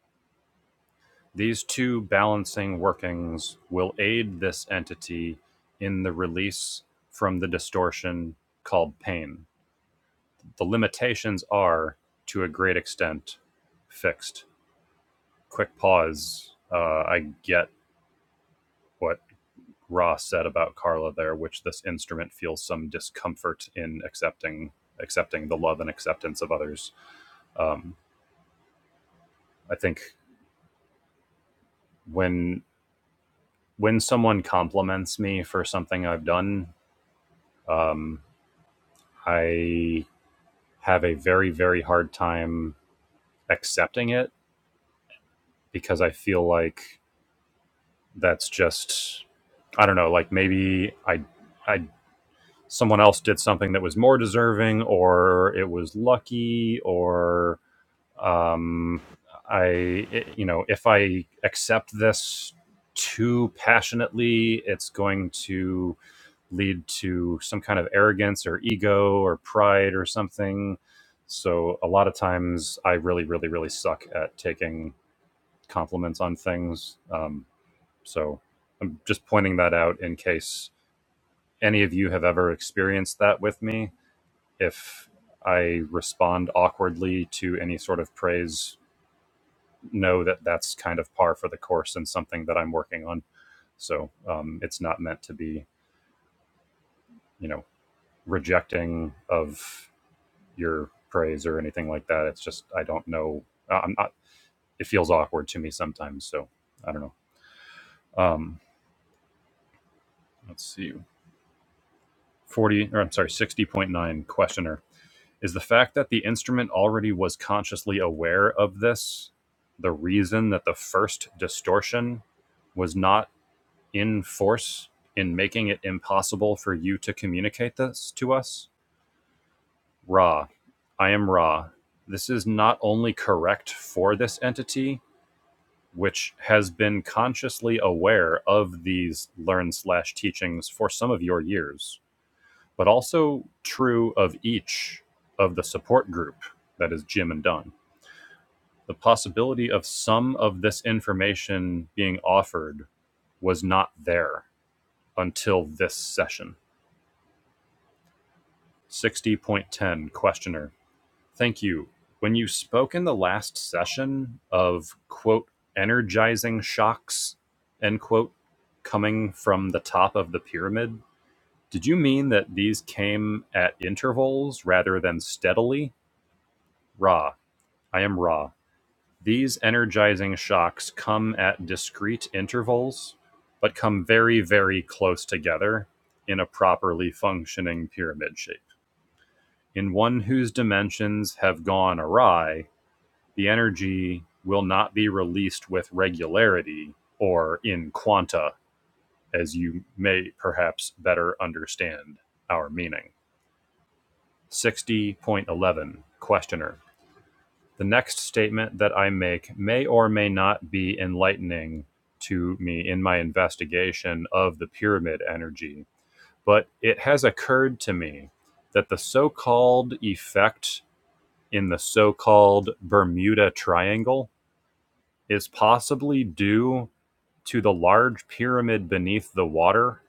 A: These two balancing workings will aid this entity in the release from the distortion called pain. The limitations are, to a great extent, fixed. quick pause. Uh, I get what Ra said about Carla there, which this instrument feels some discomfort in accepting accepting the love and acceptance of others. Um, I think when when someone compliments me for something I've done, um, I have a very very hard time accepting it because I feel like that's just I don't know, like maybe I I someone else did something that was more deserving or it was lucky or um i it- you know if i accept this too passionately it's going to lead to some kind of arrogance or ego or pride or something so a lot of times i really really really suck at taking compliments on things um so i'm just pointing that out in case any of you have ever experienced that with me if I respond awkwardly to any sort of praise, know that that's kind of par for the course and something that I'm working on. So um, it's not meant to be, you know, rejecting of your praise or anything like that. It's just I don't know. I- am not. It feels awkward to me sometimes. So I don't know. Um, let's see. Forty or I'm sorry, sixty point nine questioner. Is the fact that the instrument already was consciously aware of this the reason that the first distortion was not in force in making it impossible for you to communicate this to us? Ra, I am Ra. This is not only correct for this entity, which has been consciously aware of these learn slash teachings for some of your years, but also true of each of the support group that is Jim and Don. The possibility of some of this information being offered was not there until this session. 60.10 Questioner. Thank you. When you spoke in the last session of, quote, energizing shocks, end quote, coming from the top of the pyramid, did you mean that these came at intervals rather than steadily? Ra. I am Ra. These energizing shocks come at discrete intervals, but come very, very close together in a properly functioning pyramid shape. In one whose dimensions have gone awry, the energy will not be released with regularity or in quanta, as you may perhaps better understand our meaning. 60.11 Questioner. The next statement that I make may or may not be enlightening to me in my investigation of the pyramid energy, but it has occurred to me that the so called effect in the so called Bermuda Triangle is possibly due to the large pyramid beneath the water,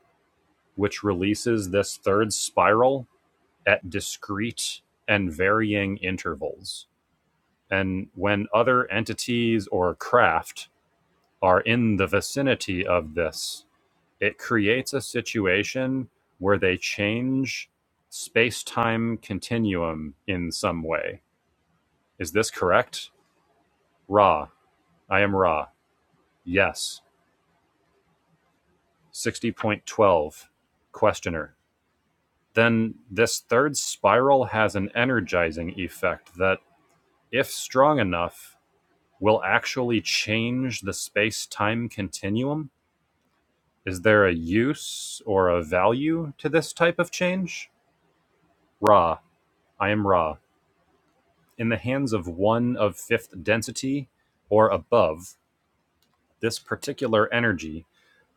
A: which releases this third spiral at discrete and varying intervals. And when other entities or craft are in the vicinity of this, it creates a situation where they change space time continuum in some way. Is this correct? Ra, I am Ra. Yes. 60.12. Questioner. Then this third spiral has an energizing effect that, if strong enough, will actually change the space time continuum? Is there a use or a value to this type of change? Ra, I am Ra. In the hands of one of fifth density or above, this particular energy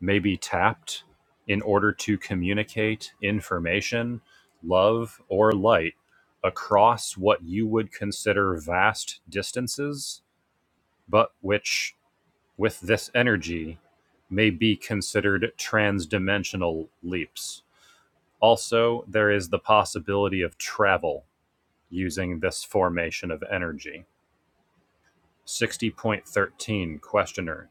A: may be tapped in order to communicate information, love, or light across what you would consider vast distances, but which, with this energy, may be considered transdimensional leaps. Also, there is the possibility of travel using this formation of energy. 60.13 Questioner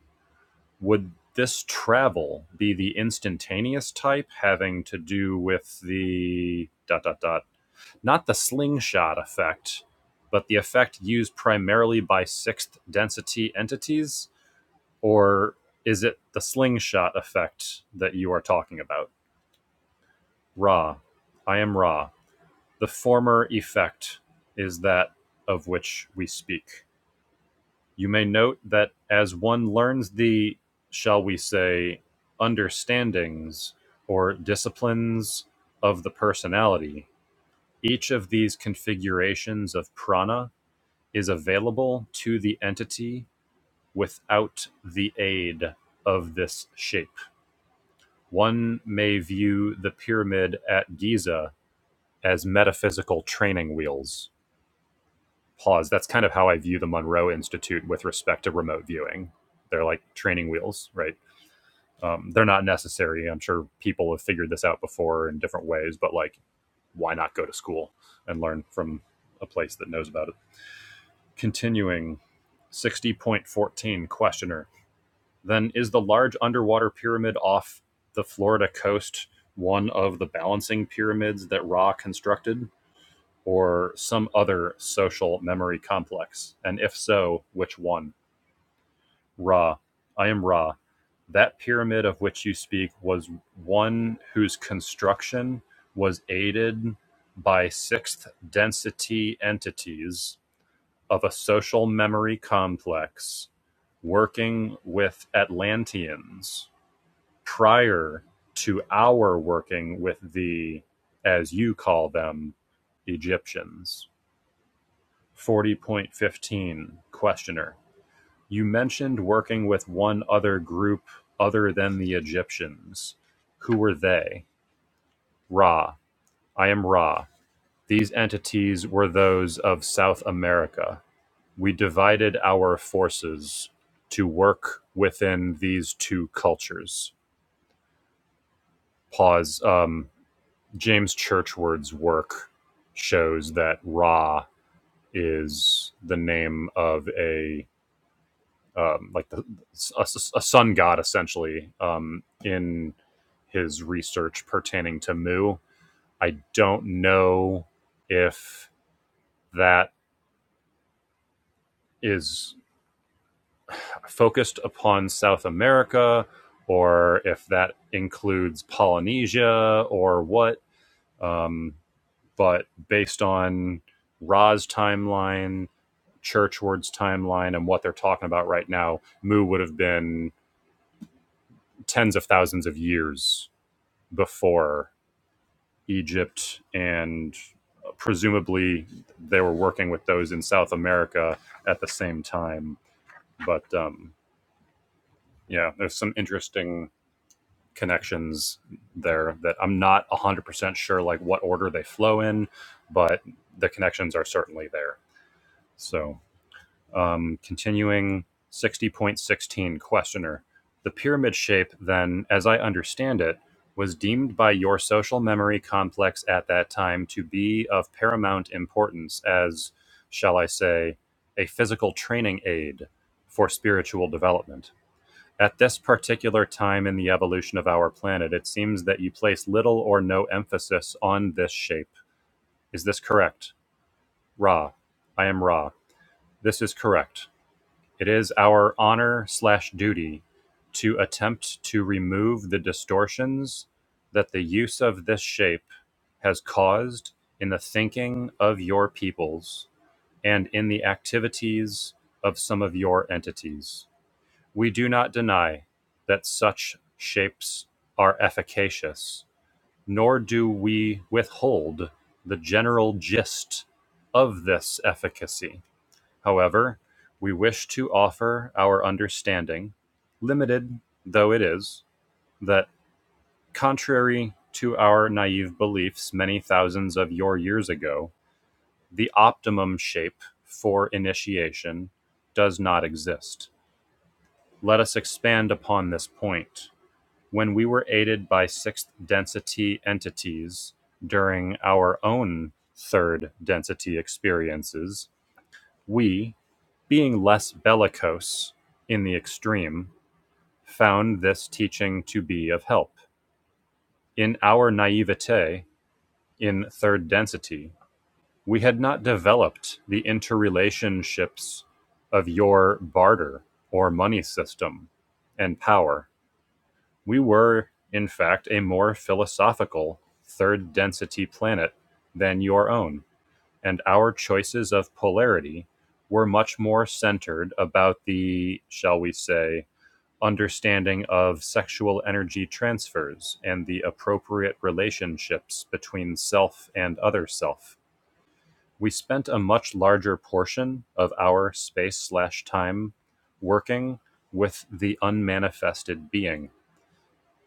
A: Would this travel be the instantaneous type having to do with the dot dot dot? Not the slingshot effect, but the effect used primarily by sixth density entities? Or is it the slingshot effect that you are talking about? Ra. I am Ra. The former effect is that of which we speak. You may note that as one learns the, shall we say, understandings or disciplines of the personality, each of these configurations of prana is available to the entity without the aid of this shape. One may view the pyramid at Giza as metaphysical training wheels pause. That's kind of how I view the Monroe Institute with respect to remote viewing. They're like training wheels, right? Um, they're not necessary. I'm sure people have figured this out before in different ways, but like, why not go to school and learn from a place that knows about it? Continuing 60.14 questioner. Then is the large underwater pyramid off the Florida coast one of the balancing pyramids that Ra constructed? or some other social memory complex? And if so, which one? Ra. I am Ra. That pyramid of which you speak was one whose construction was aided by sixth density entities of a social memory complex working with Atlanteans prior to our working with the, as you call them, Egyptians. Forty point fifteen Questioner: You mentioned working with one other group other than the Egyptians. Who were they? Ra: I am Ra. These entities were those of South America. We divided our forces to work within these two cultures. Pause. Um, James Churchward's work shows that Ra is the name of a um, like the, a, a sun god essentially um, in his research pertaining to Mu. I don't know if that is focused upon South America or if that includes Polynesia or what. Um, but based on Ra's timeline, Churchward's timeline, and what they're talking about right now, Mu would have been tens of thousands of years before Egypt, and presumably they were working with those in South America at the same time. But um, yeah, there's some interesting connections there that I'm not 100% sure like what order they flow in, but the connections are certainly there. So Um, continuing 60.16 questioner. The pyramid shape, then, as I understand it, was deemed by your social memory complex at that time to be of paramount importance as, shall I say, a physical training aid for spiritual development. At this particular time in the evolution of our planet, it seems that you place little or no emphasis on this shape. Is this correct? Ra. I am Ra. This is correct. It is our honor slash duty to attempt to remove the distortions that the use of this shape has caused in the thinking of your peoples and in the activities of some of your entities. We do not deny that such shapes are efficacious, nor do we withhold the general gist of this efficacy However, we wish to offer our understanding, limited though it is, that contrary to our naive beliefs many thousands of your years ago, the optimum shape for initiation does not exist. Let us expand upon this point. When we were aided by sixth density entities during our own third density experiences, we, being less bellicose in the extreme, found this teaching to be of help. In our naivete in third density, we had not developed the interrelationships of your barter or money system and power. We were, in fact, a more philosophical third density planet than your own, and our choices of polarity were much more centered about the, shall we say, understanding of sexual energy transfers and the appropriate relationships between self and other self. We spent a much larger portion of our space slash time working with the unmanifested being.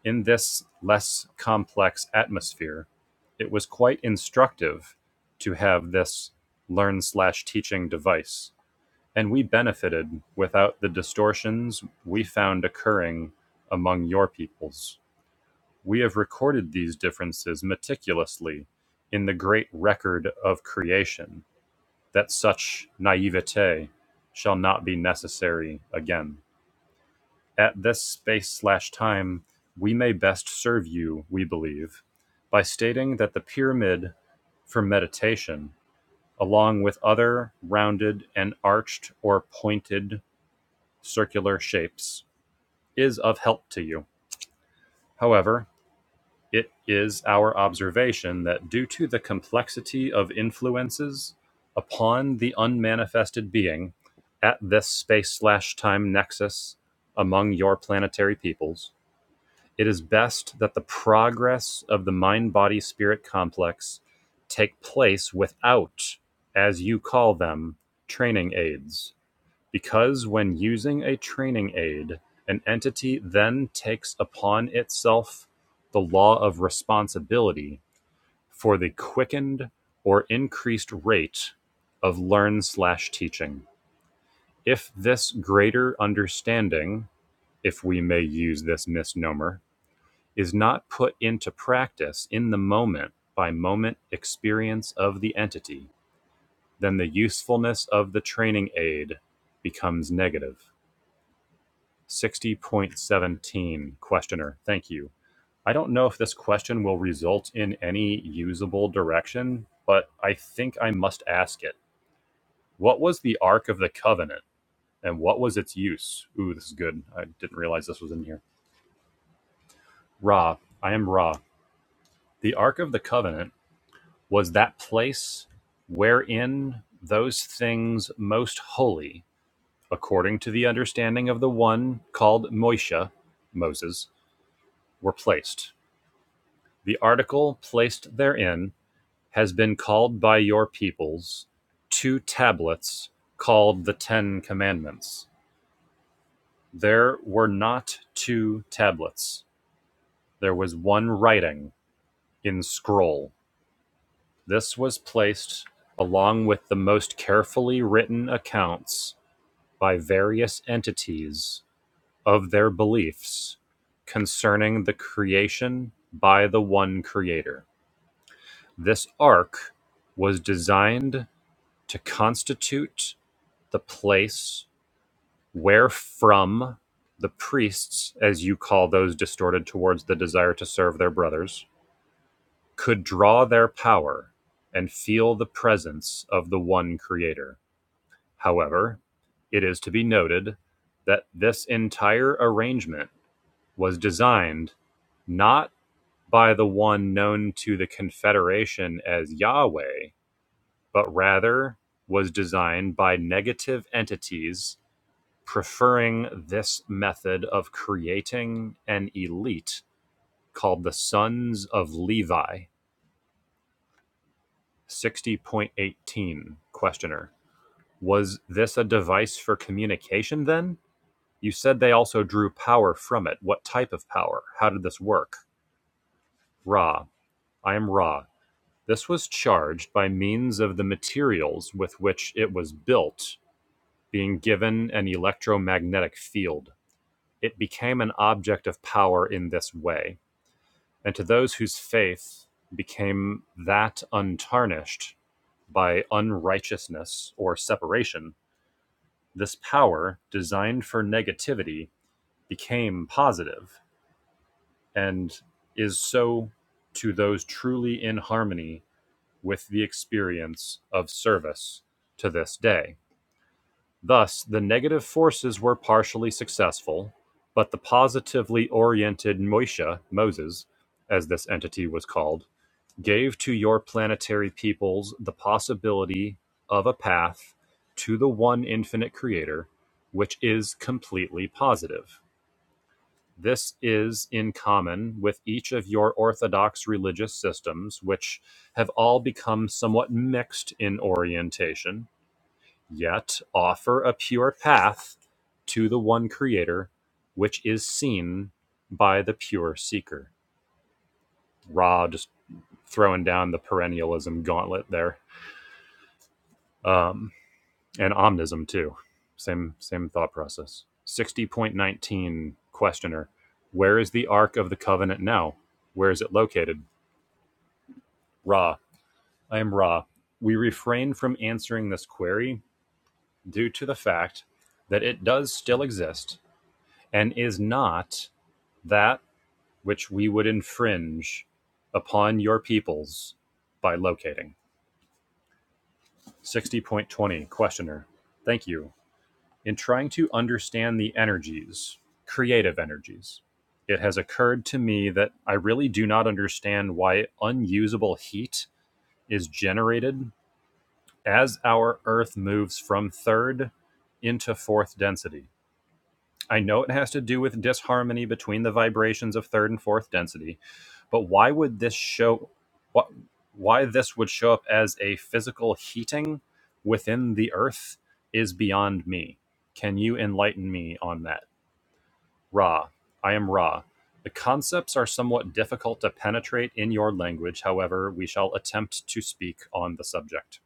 A: In this less complex atmosphere, it was quite instructive to have this learn slash teaching device and we benefited without the distortions we found occurring among your peoples. We have recorded these differences meticulously in the great record of creation, that such naivete shall not be necessary again. At this space slash time, we may best serve you, we believe, by stating that the pyramid for meditation, along with other rounded and arched or pointed circular shapes, is of help to you. However, it is our observation that due to the complexity of influences upon the unmanifested being at this space slash time nexus among your planetary peoples, it is best that the progress of the mind body spirit complex take place without, as you call them, training aids. Because when using a training aid, an entity then takes upon itself the law of responsibility for the quickened or increased rate of learn/teaching. slash If this greater understanding, if we may use this misnomer, is not put into practice in the moment by moment experience of the entity, then the usefulness of the training aid becomes negative. 60.17 questioner thank you i don't know if this question will result in any usable direction but i think i must ask it what was the ark of the covenant and what was its use ooh this is good i didn't realize this was in here ra i am ra the ark of the covenant was that place wherein those things most holy according to the understanding of the one called Moishe, moses were placed The article placed therein has been called by your peoples two tablets called the Ten Commandments. There were not two tablets. There was one writing in scroll. This was placed along with the most carefully written accounts by various entities of their beliefs concerning the creation by the one creator. This ark was designed to constitute the place wherefrom the priests, as you call those distorted towards the desire to serve their brothers, could draw their power and feel the presence of the one Creator. However, it is to be noted that this entire arrangement was designed not by the one known to the Confederation as Yahweh, but rather was designed by negative entities preferring this method of creating an elite called the Sons of Levi. 60.18 Questioner. Was this a device for communication then? You said they also drew power from it. What type of power? How did this work? Ra. I am Ra. This was charged by means of the materials with which it was built being given an electromagnetic field. It became an object of power in this way and to those whose faith became that untarnished by unrighteousness or separation, this power designed for negativity became positive and is so to those truly in harmony with the experience of service to this day. Thus, the negative forces were partially successful, but the positively oriented Moishe, Moses, as this entity was called, gave to your planetary peoples the possibility of a path to the one infinite creator, which is completely positive. This is in common with each of your orthodox religious systems, which have all become somewhat mixed in orientation, yet offer a pure path to the one creator, which is seen by the pure seeker. Ra just throwing down the perennialism gauntlet there. um, and omnism too. Same same thought process. Sixty point nineteen questioner: Where is the Ark of the Covenant now? Where is it located? Ra. I am Ra. We refrain from answering this query due to the fact that it does still exist and is not that which we would infringe upon your peoples by locating. Sixty point twenty questioner: Thank you. In trying to understand the energies, creative energies, it has occurred to me that I really do not understand why unusable heat is generated as our Earth moves from third into fourth density. I know it has to do with disharmony between the vibrations of third and fourth density, but why would this show what why this would show up as a physical heating within the earth is beyond me. Can you enlighten me on that? Ra, I am Ra. The concepts are somewhat difficult to penetrate in your language, however, we shall attempt to speak on the subject.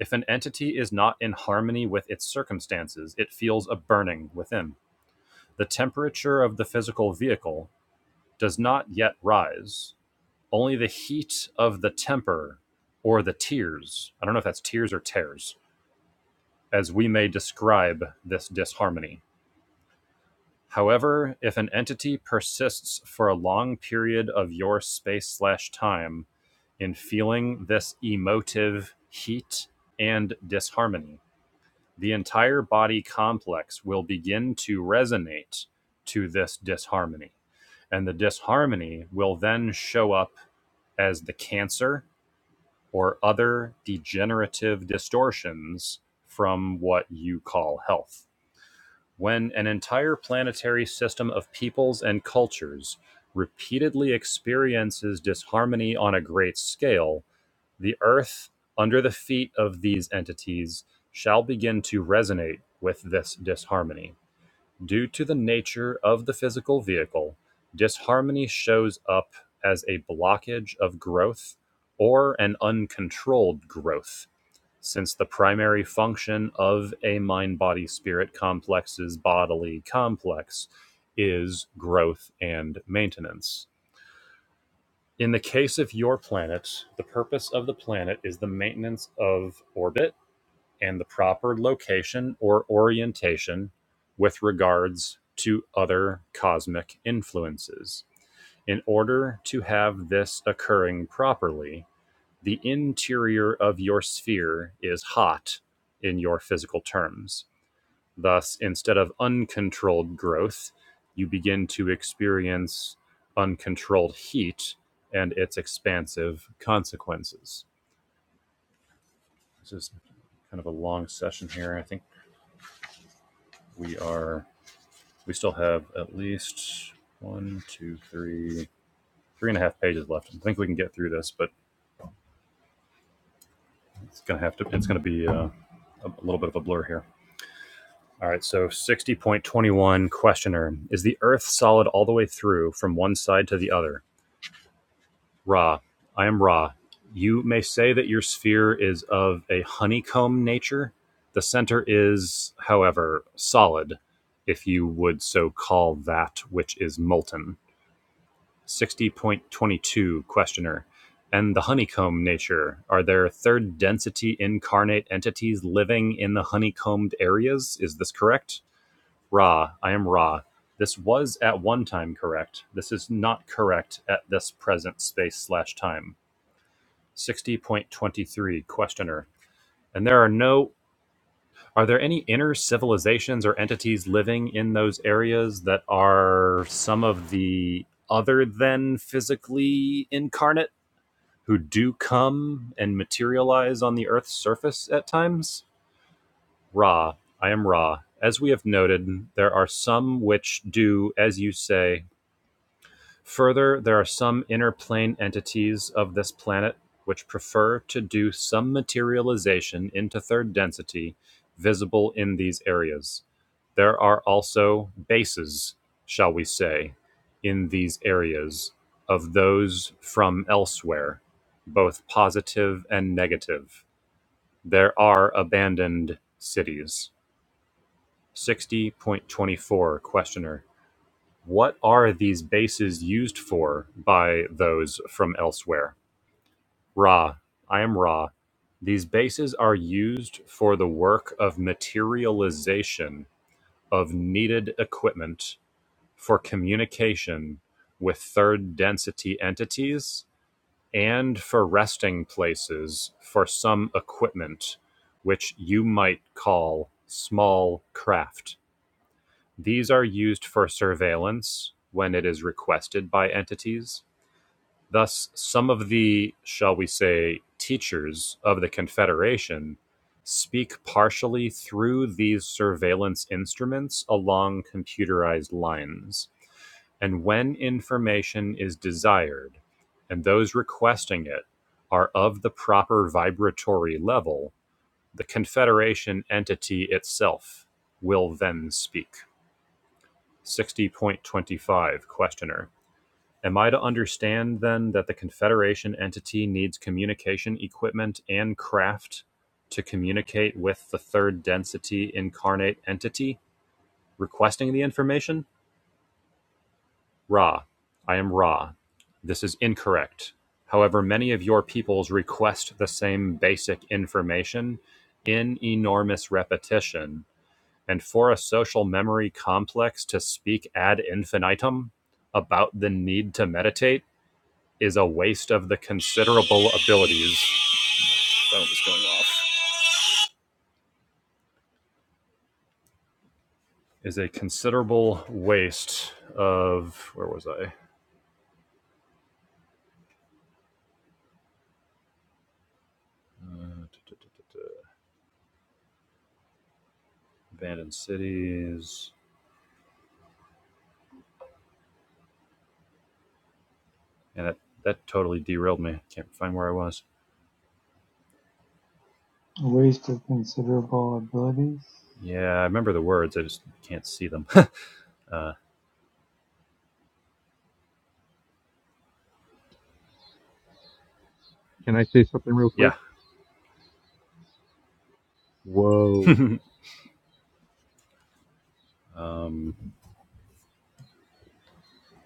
A: If an entity is not in harmony with its circumstances, it feels a burning within the temperature of the physical vehicle does not yet rise, only the heat of the temper or the tears. I don't know if that's tears or tears, as we may describe this disharmony. However, if an entity persists for a long period of your space slash time in feeling this emotive heat and disharmony, the entire body complex will begin to resonate to this disharmony. and the disharmony will then show up as the cancer or other degenerative distortions from what you call health. When an entire planetary system of peoples and cultures repeatedly experiences disharmony on a great scale, the earth under the feet of these entities shall begin to resonate with this disharmony Due to the nature of the physical vehicle, disharmony shows up as a blockage of growth or an uncontrolled growth, since the primary function of a mind body spirit complex's bodily complex is growth and maintenance. In the case of your planet, the purpose of the planet is the maintenance of orbit and the proper location or orientation with regards to other cosmic influences. In order to have this occurring properly, the interior of your sphere is hot in your physical terms. Thus, instead of uncontrolled growth, you begin to experience uncontrolled heat and its expansive consequences. This is kind of a long session here. I think we are we still have at least one, two, three, three and a half pages left. I think we can get through this, but it's gonna have to. It's gonna be uh, a little bit of a blur here. All right. So sixty point twenty one questioner: Is the Earth solid all the way through from one side to the other? Ra, I am Ra. You may say that your sphere is of a honeycomb nature. The center is, however, solid, if you would so call that which is molten. 60.22 Questioner. And the honeycomb nature. Are there third density incarnate entities living in the honeycombed areas? Is this correct? Ra, I am Ra. This was at one time correct. This is not correct at this present space slash time. 60.23 Questioner. And there are no. Are there any inner civilizations or entities living in those areas that are some of the other than physically incarnate? who do come and materialize on the Earth's surface at times? Ra, I am Ra. As we have noted, there are some which do, as you say, Further, there are some inner plane entities of this planet which prefer to do some materialization into third density visible in these areas. There are also bases, shall we say, in these areas of those from elsewhere, both positive and negative. There are abandoned cities. 60.24 Questioner what are these bases used for by those from elsewhere? Ra, I am Ra. These bases are used for the work of materialization of needed equipment for communication with third density entities and for resting places for some equipment which you might call small craft. These are used for surveillance when it is requested by entities. Thus, some of the, shall we say, teachers of the Confederation speak partially through these surveillance instruments along computerized lines. And when information is desired, and those requesting it are of the proper vibratory level, the Confederation entity itself will then speak. 60.25 Questioner: Am I to understand then that the Confederation entity needs communication equipment and craft to communicate with the third density incarnate entity requesting the information? Ra. I am Ra. This is incorrect. However, many of your peoples request the same basic information in enormous repetition and for a social memory complex to speak ad infinitum about the need to meditate is a waste of the considerable abilities. Phone was going off. Is a considerable waste of where was I? Uh, Abandoned cities, and that that totally derailed me. Can't find where I was.
D: A waste of considerable abilities.
A: Yeah, I remember the words. I just can't see them. uh,
C: Can I say something real quick?
A: yeah.
C: Whoa!
A: um,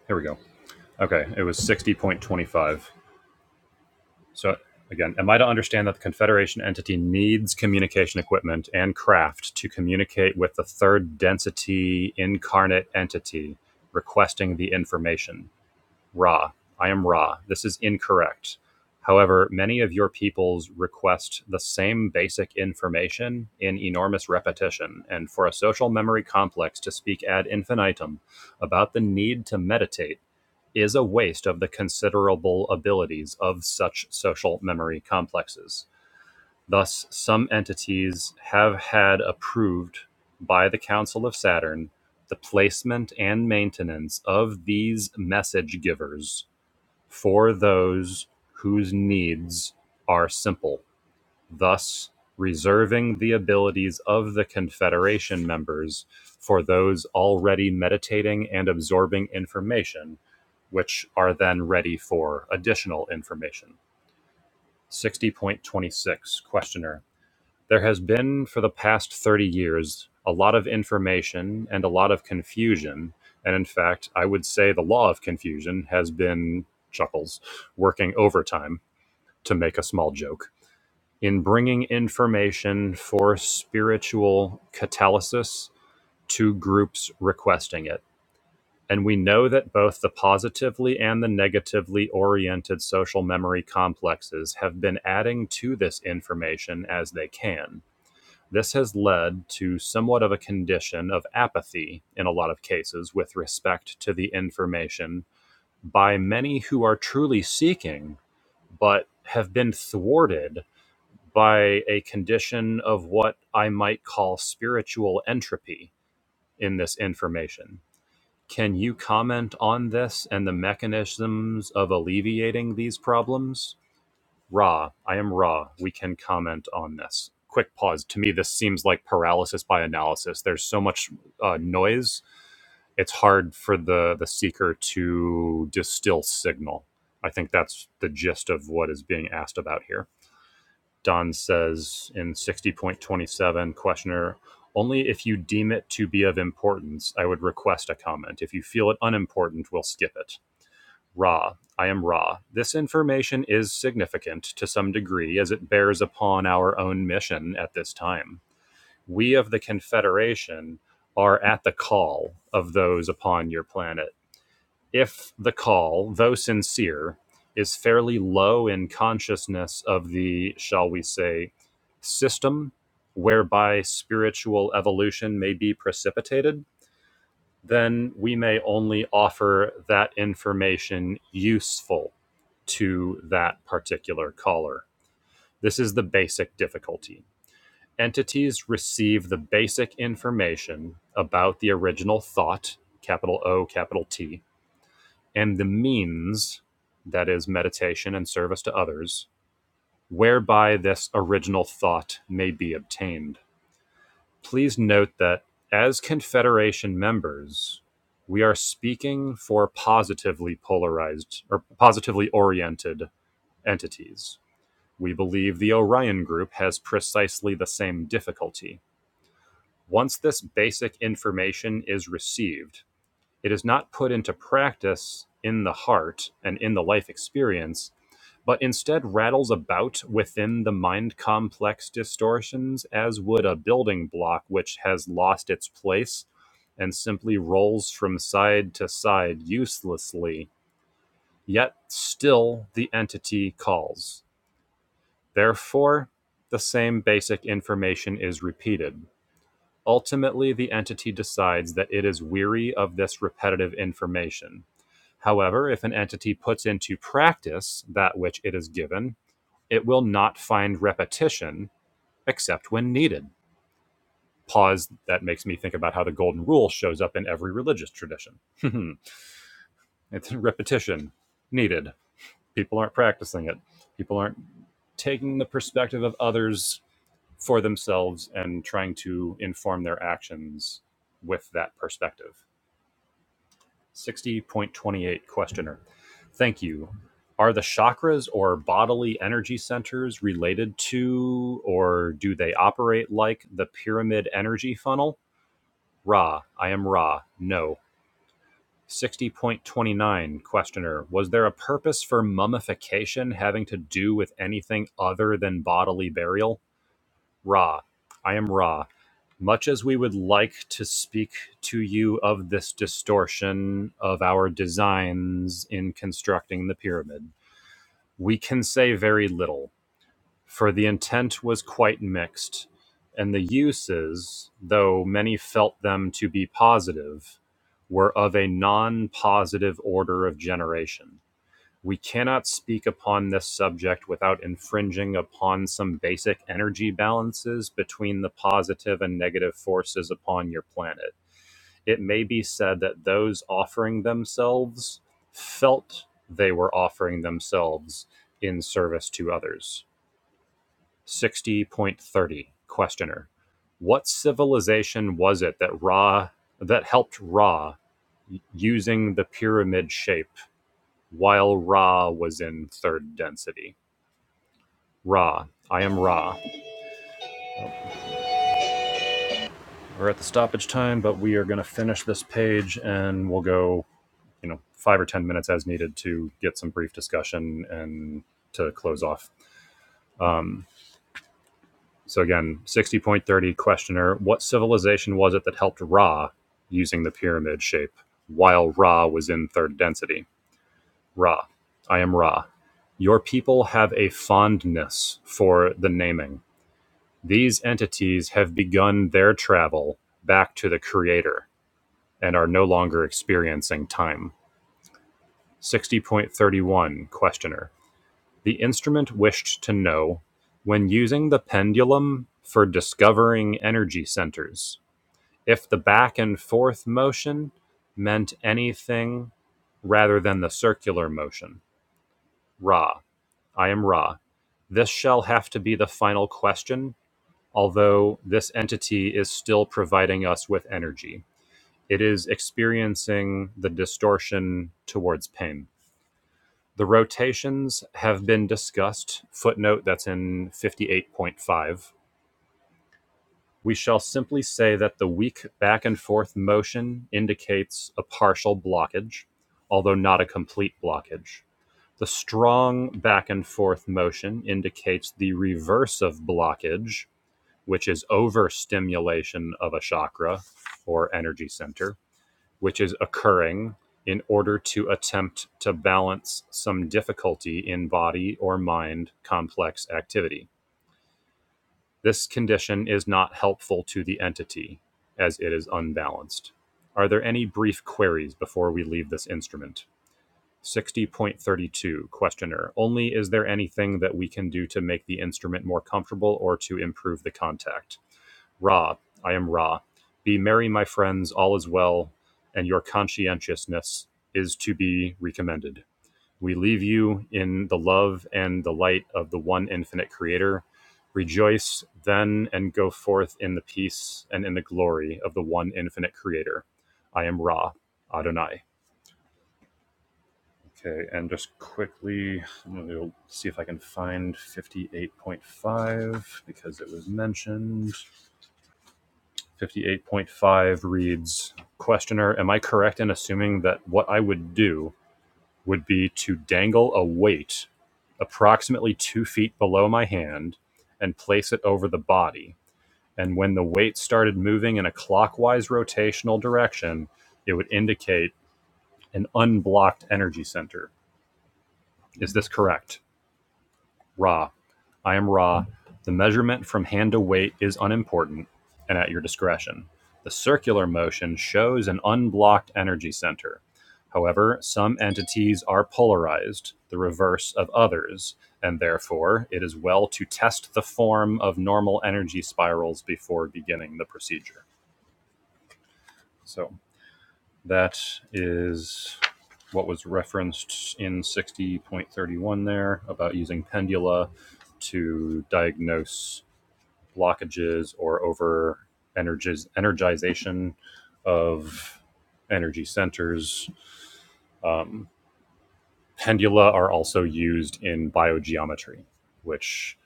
A: here we go. Okay, it was sixty point twenty-five. So again, am I to understand that the Confederation entity needs communication equipment and craft to communicate with the third density incarnate entity requesting the information? Ra. I am Ra. This is incorrect. However, many of your peoples request the same basic information in enormous repetition, and for a social memory complex to speak ad infinitum about the need to meditate is a waste of the considerable abilities of such social memory complexes. Thus, some entities have had approved by the Council of Saturn the placement and maintenance of these message givers for those whose needs are simple thus reserving the abilities of the Confederation members for those already meditating and absorbing information, which are then ready for additional information. 60.26 Questioner There has been for the past 30 years a lot of information and a lot of confusion. And in fact, I would say the law of confusion has been chuckles working overtime to make a small joke in bringing information for spiritual catalysis to groups requesting it. And we know that both the positively and the negatively oriented social memory complexes have been adding to this information as they can. This has led to somewhat of a condition of apathy in a lot of cases with respect to the information by many who are truly seeking, but have been thwarted by a condition of what I might call spiritual entropy in this information. Can you comment on this and the mechanisms of alleviating these problems? Ra, I am Ra. We can comment on this. Quick pause. To me, this seems like paralysis by analysis. There's so much uh, noise; it's hard for the the seeker to distill signal. I think that's the gist of what is being asked about here. Don says in 60.27, questioner, only if you deem it to be of importance, I would request a comment. If you feel it unimportant, we'll skip it. Ra, I am Ra. This information is significant to some degree as it bears upon our own mission at this time. We of the Confederation are at the call of those upon your planet if the call, though sincere, is fairly low in consciousness of the, shall we say, system whereby spiritual evolution may be precipitated, then we may only offer that information useful to that particular caller. This is the basic difficulty. Entities receive the basic information about the original thought, capital O, capital T, and the means, that is, meditation and service to others, whereby this original thought may be obtained. Please note that as Confederation members, we are speaking for positively polarized or positively oriented entities. We believe the Orion Group has precisely the same difficulty. Once this basic information is received, it is not put into practice in the heart and in the life experience but instead rattles about within the mind complex distortions as would a building block which has lost its place and simply rolls from side to side uselessly. Yet still the entity calls. Therefore, the same basic information is repeated. Ultimately, the entity decides that it is weary of this repetitive information. However, if an entity puts into practice that which it is given, it will not find repetition except when needed. Pause that makes me think about how the golden rule shows up in every religious tradition. it's repetition needed. People aren't practicing it. People aren't taking the perspective of others for themselves and trying to inform their actions with that perspective. 60.28 Questioner. Thank you. Are the chakras or bodily energy centers related to or do they operate like the pyramid energy funnel? Ra. I am Ra. No. 60.29 Questioner. Was there a purpose for mummification having to do with anything other than bodily burial? Ra. I am Ra. Much as we would like to speak to you of this distortion of our designs in constructing the pyramid, we can say very little, for the intent was quite mixed, and the uses, though many felt them to be positive, were of a non positive order of generation we cannot speak upon this subject without infringing upon some basic energy balances between the positive and negative forces upon your planet. It may be said that those offering themselves felt they were offering themselves in service to others. 60.30 Questioner What civilization was it that Ra that helped Ra using the pyramid shape while Ra was in third density? Ra. I am Ra. We're at the stoppage time, but we are going to finish this page and we'll go, you know, five or 10 minutes as needed to get some brief discussion and to close off. Um, so, again, 60.30 questioner What civilization was it that helped Ra using the pyramid shape while Ra was in third density? Ra. I am Ra. Your people have a fondness for the naming. These entities have begun their travel back to the creator and are no longer experiencing time. 60.31 Questioner. The instrument wished to know when using the pendulum for discovering energy centers if the back and forth motion meant anything rather than the circular motion. Ra, I am Ra. This shall have to be the final question, although this entity is still providing us with energy. It is experiencing the distortion towards pain. The rotations have been discussed. Footnote that's in 58.5. We shall simply say that the weak back and forth motion indicates a partial blockage, although not a complete blockage. The strong back and forth motion indicates the reverse of blockage, which is overstimulation of a chakra or energy center which is occurring in order to attempt to balance some difficulty in body or mind complex activity. This condition is not helpful to the entity as it is unbalanced. Are there any brief queries before we leave this instrument? 60.32 Questioner Only is there anything that we can do to make the instrument more comfortable or to improve the contact? Ra, I am Ra. Be merry, my friends, all is well, and your conscientiousness is to be recommended. We leave you in the love and the light of the one infinite Creator. Rejoice then and go forth in the peace and in the glory of the one infinite Creator. I am Ra, Adonai. Okay, and just quickly, I'm going to see if I can find 58.5 because it was mentioned. 58.5 reads Questioner, am I correct in assuming that what I would do would be to dangle a weight approximately two feet below my hand and place it over the body? And when the weight started moving in a clockwise rotational direction, it would indicate an unblocked energy center. Is this correct? Ra. I am Ra. The measurement from hand to weight is unimportant and at your discretion. The circular motion shows an unblocked energy center. However, some entities are polarized, the reverse of others, and therefore it is well to test the form of normal energy spirals before beginning the procedure. So that is what was referenced in 60.31 there about using pendula to diagnose blockages or over energiz- energization of energy centers. Um, pendula are also used in biogeometry, which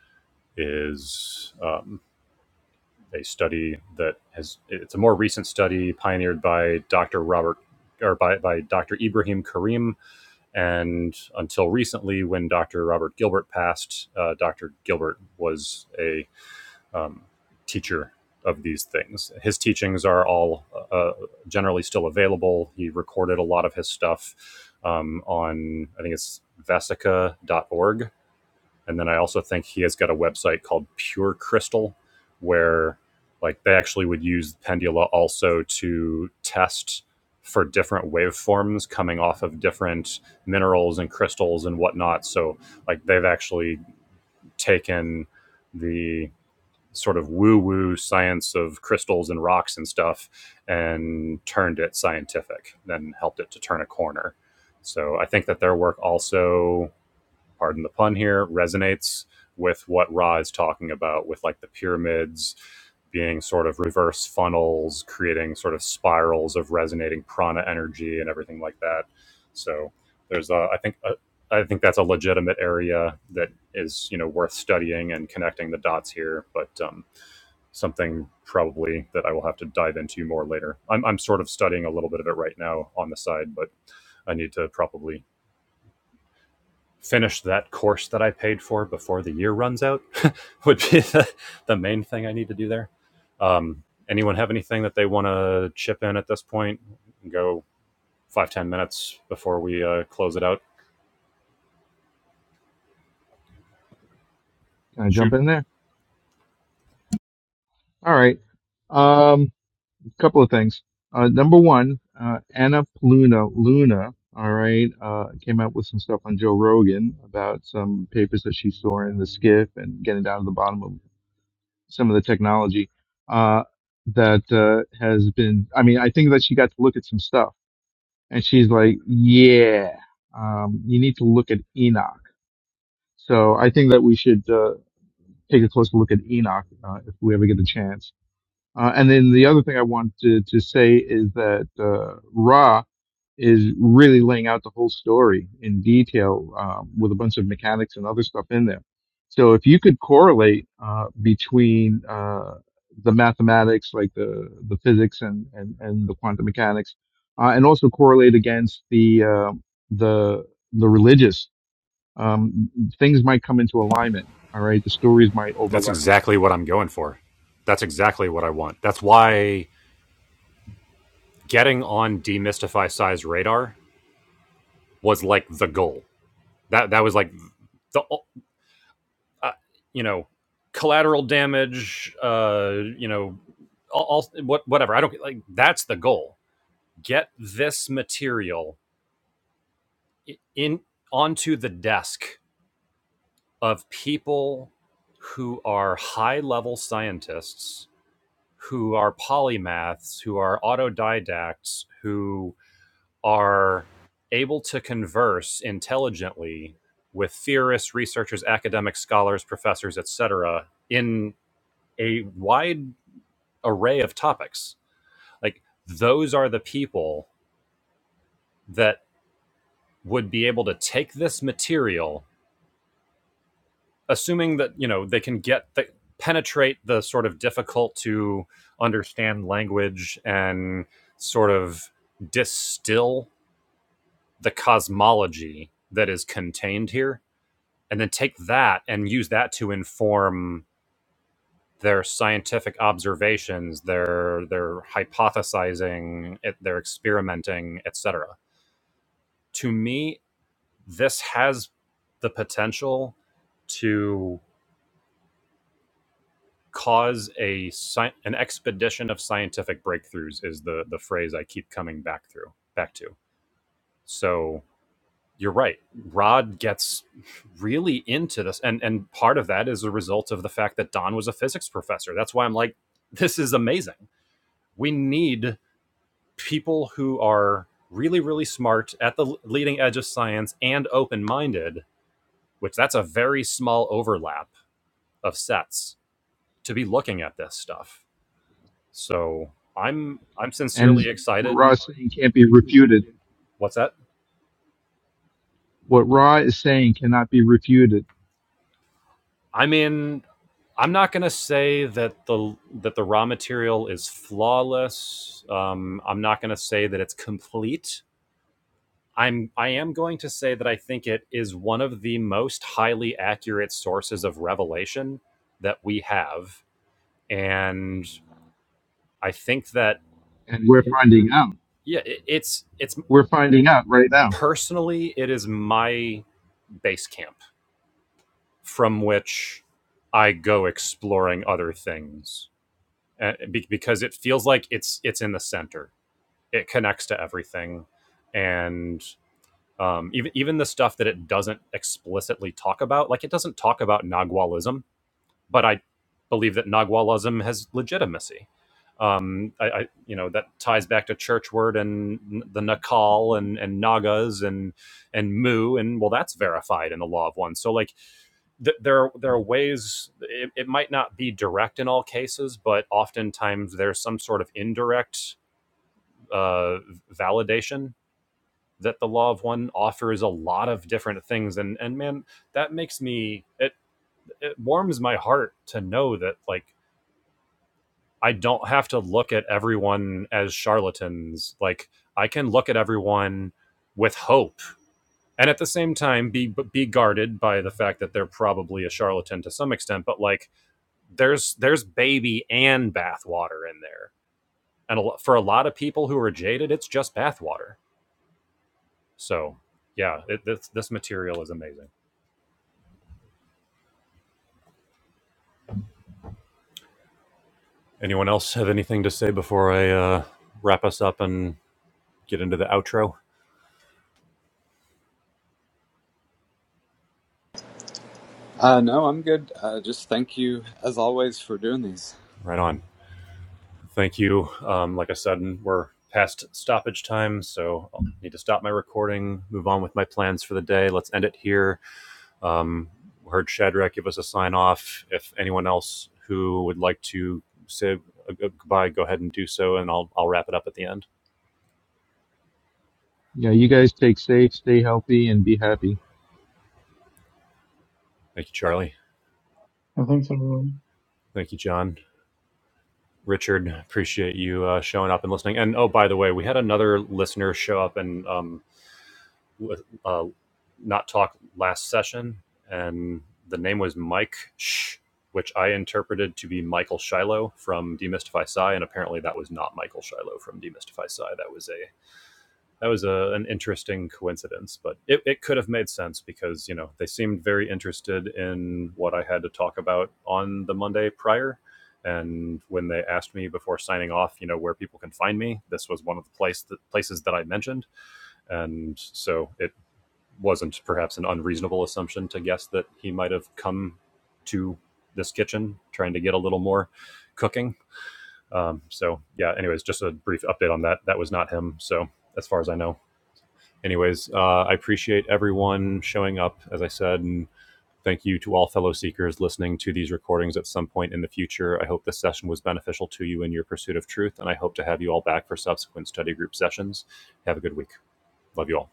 A: is um, a study that has it's a more recent study pioneered by Dr. Robert or by, by Dr. Ibrahim Karim And until recently, when Dr. Robert Gilbert passed, uh, Dr. Gilbert was a um, teacher of these things. His teachings are all uh, uh, generally still available. He recorded a lot of his stuff um, on, I think it's vesica.org and then I also think he has got a website called Pure Crystal, where like they actually would use Pendula also to test for different waveforms coming off of different minerals and crystals and whatnot. So like they've actually taken the sort of woo-woo science of crystals and rocks and stuff and turned it scientific, then helped it to turn a corner. So I think that their work also pardon the pun here, resonates with what Ra is talking about with like the pyramids being sort of reverse funnels, creating sort of spirals of resonating prana energy and everything like that. So there's a, I think, a, I think that's a legitimate area that is, you know, worth studying and connecting the dots here, but um, something probably that I will have to dive into more later. I'm, I'm sort of studying a little bit of it right now on the side, but I need to probably finish that course that I paid for before the year runs out would be the, the main thing I need to do there. Um, anyone have anything that they want to chip in at this point? Go five ten minutes before we uh, close it out.
C: Can I
A: Shoot,
C: jump in there? All right. Um, a couple of things. Uh, number one, uh, Anna Pluna Luna. All right, uh, came out with some stuff on Joe Rogan about some papers that she saw in the skiff and getting down to the bottom of some of the technology uh, that uh, has been. I mean, I think that she got to look at some stuff, and she's like, "Yeah, um, you need to look at Enoch." So I think that we should uh, take a closer look at Enoch uh, if we ever get a chance. Uh, and then the other thing I wanted to, to say is that uh, Ra is really laying out the whole story in detail um, with a bunch of mechanics and other stuff in there. So if you could correlate uh, between uh, the mathematics, like the the physics and and, and the quantum mechanics, uh, and also correlate against the uh, the the religious, um, things might come into alignment. All right, the stories might
A: that's
C: overlap,
A: exactly what I'm going for. That's exactly what I want. That's why getting on demystify size radar was like the goal. That that was like the uh, you know, collateral damage, uh, you know, all, all what whatever. I don't like that's the goal. Get this material in onto the desk of people who are high level scientists, who are polymaths, who are autodidacts, who are able to converse intelligently with theorists, researchers, academic scholars, professors, etc., in a wide array of topics. Like those are the people that would be able to take this material, assuming that you know they can get the penetrate the sort of difficult to understand language and sort of distill the cosmology that is contained here and then take that and use that to inform their scientific observations their their hypothesizing their experimenting etc to me this has the potential to cause a sci- an expedition of scientific breakthroughs is the the phrase I keep coming back through back to. So you're right. Rod gets really into this, and and part of that is a result of the fact that Don was a physics professor. That's why I'm like, this is amazing. We need people who are really really smart at the leading edge of science and open minded, which that's a very small overlap of sets to be looking at this stuff. So I'm I'm
C: and
A: sincerely
C: what
A: excited.
C: Ra is saying can't be refuted.
A: What's that?
C: What Ra is saying cannot be refuted,
A: I mean, I'm not going to say that the that the raw material is flawless. Um, I'm not going to say that it's complete. I'm I am going to say that I think it is one of the most highly accurate sources of revelation that we have, and I think that
C: and we're finding out.
A: yeah, it, it's it's
C: We're finding out right now.
A: personally it is my base camp. from which I go exploring other things uh, be- because it feels like it's it's in the center. It connects to everything, and um, even even the stuff that it doesn't explicitly talk about, like it doesn't talk about Nagualism, but I believe that Nagualism has legitimacy. Um, I, I you know that ties back to Churchward and the Nakal and and Nagas and and Mu and well that's verified in the law of one. So like th- there there are ways it, it might not be direct in all cases but oftentimes there's some sort of indirect uh, validation that the law of one offers a lot of different things and and man that makes me it it warms my heart to know that like I don't have to look at everyone as charlatans like I can look at everyone with hope and at the same time be be guarded by the fact that they're probably a charlatan to some extent but like there's there's baby and bathwater in there, and a, for a lot of people who are jaded, it's just bathwater. So yeah, it, this this material is amazing. Anyone else have anything to say before I uh, wrap us up and get into the outro?
B: Uh, no, I'm good. Uh, just thank you as always for doing these.
A: Right on. Thank you. Um, like I said, we're past stoppage time, so I'll need to stop my recording, move on with my plans for the day. Let's end it here. Um, heard Shadrach give us a sign off. If anyone else who would like to say a goodbye, go ahead and do so, and I'll I'll wrap it up at the end.
C: Yeah, you guys take safe, stay healthy, and be happy.
A: Thank you, Charlie.
D: Oh, thanks everyone.
A: Thank you, John. Richard, appreciate you uh, showing up and listening. And oh, by the way, we had another listener show up and um, uh, not talk last session, and the name was Mike Sh, which I interpreted to be Michael Shiloh from Demystify Psy, and apparently that was not Michael Shiloh from Demystify Psy. That was a that was a, an interesting coincidence, but it, it could have made sense because you know they seemed very interested in what I had to talk about on the Monday prior. And when they asked me before signing off, you know, where people can find me, this was one of the place, the places that I mentioned. And so it wasn't perhaps an unreasonable assumption to guess that he might have come to this kitchen trying to get a little more cooking. Um, so yeah, anyways, just a brief update on that. That was not him. So as far as I know, anyways, uh, I appreciate everyone showing up, as I said, and thank you to all fellow seekers listening to these recordings at some point in the future. I hope this session was beneficial to you in your pursuit of truth, and I hope to have you all back for subsequent study group sessions. Have a good week. Love you all.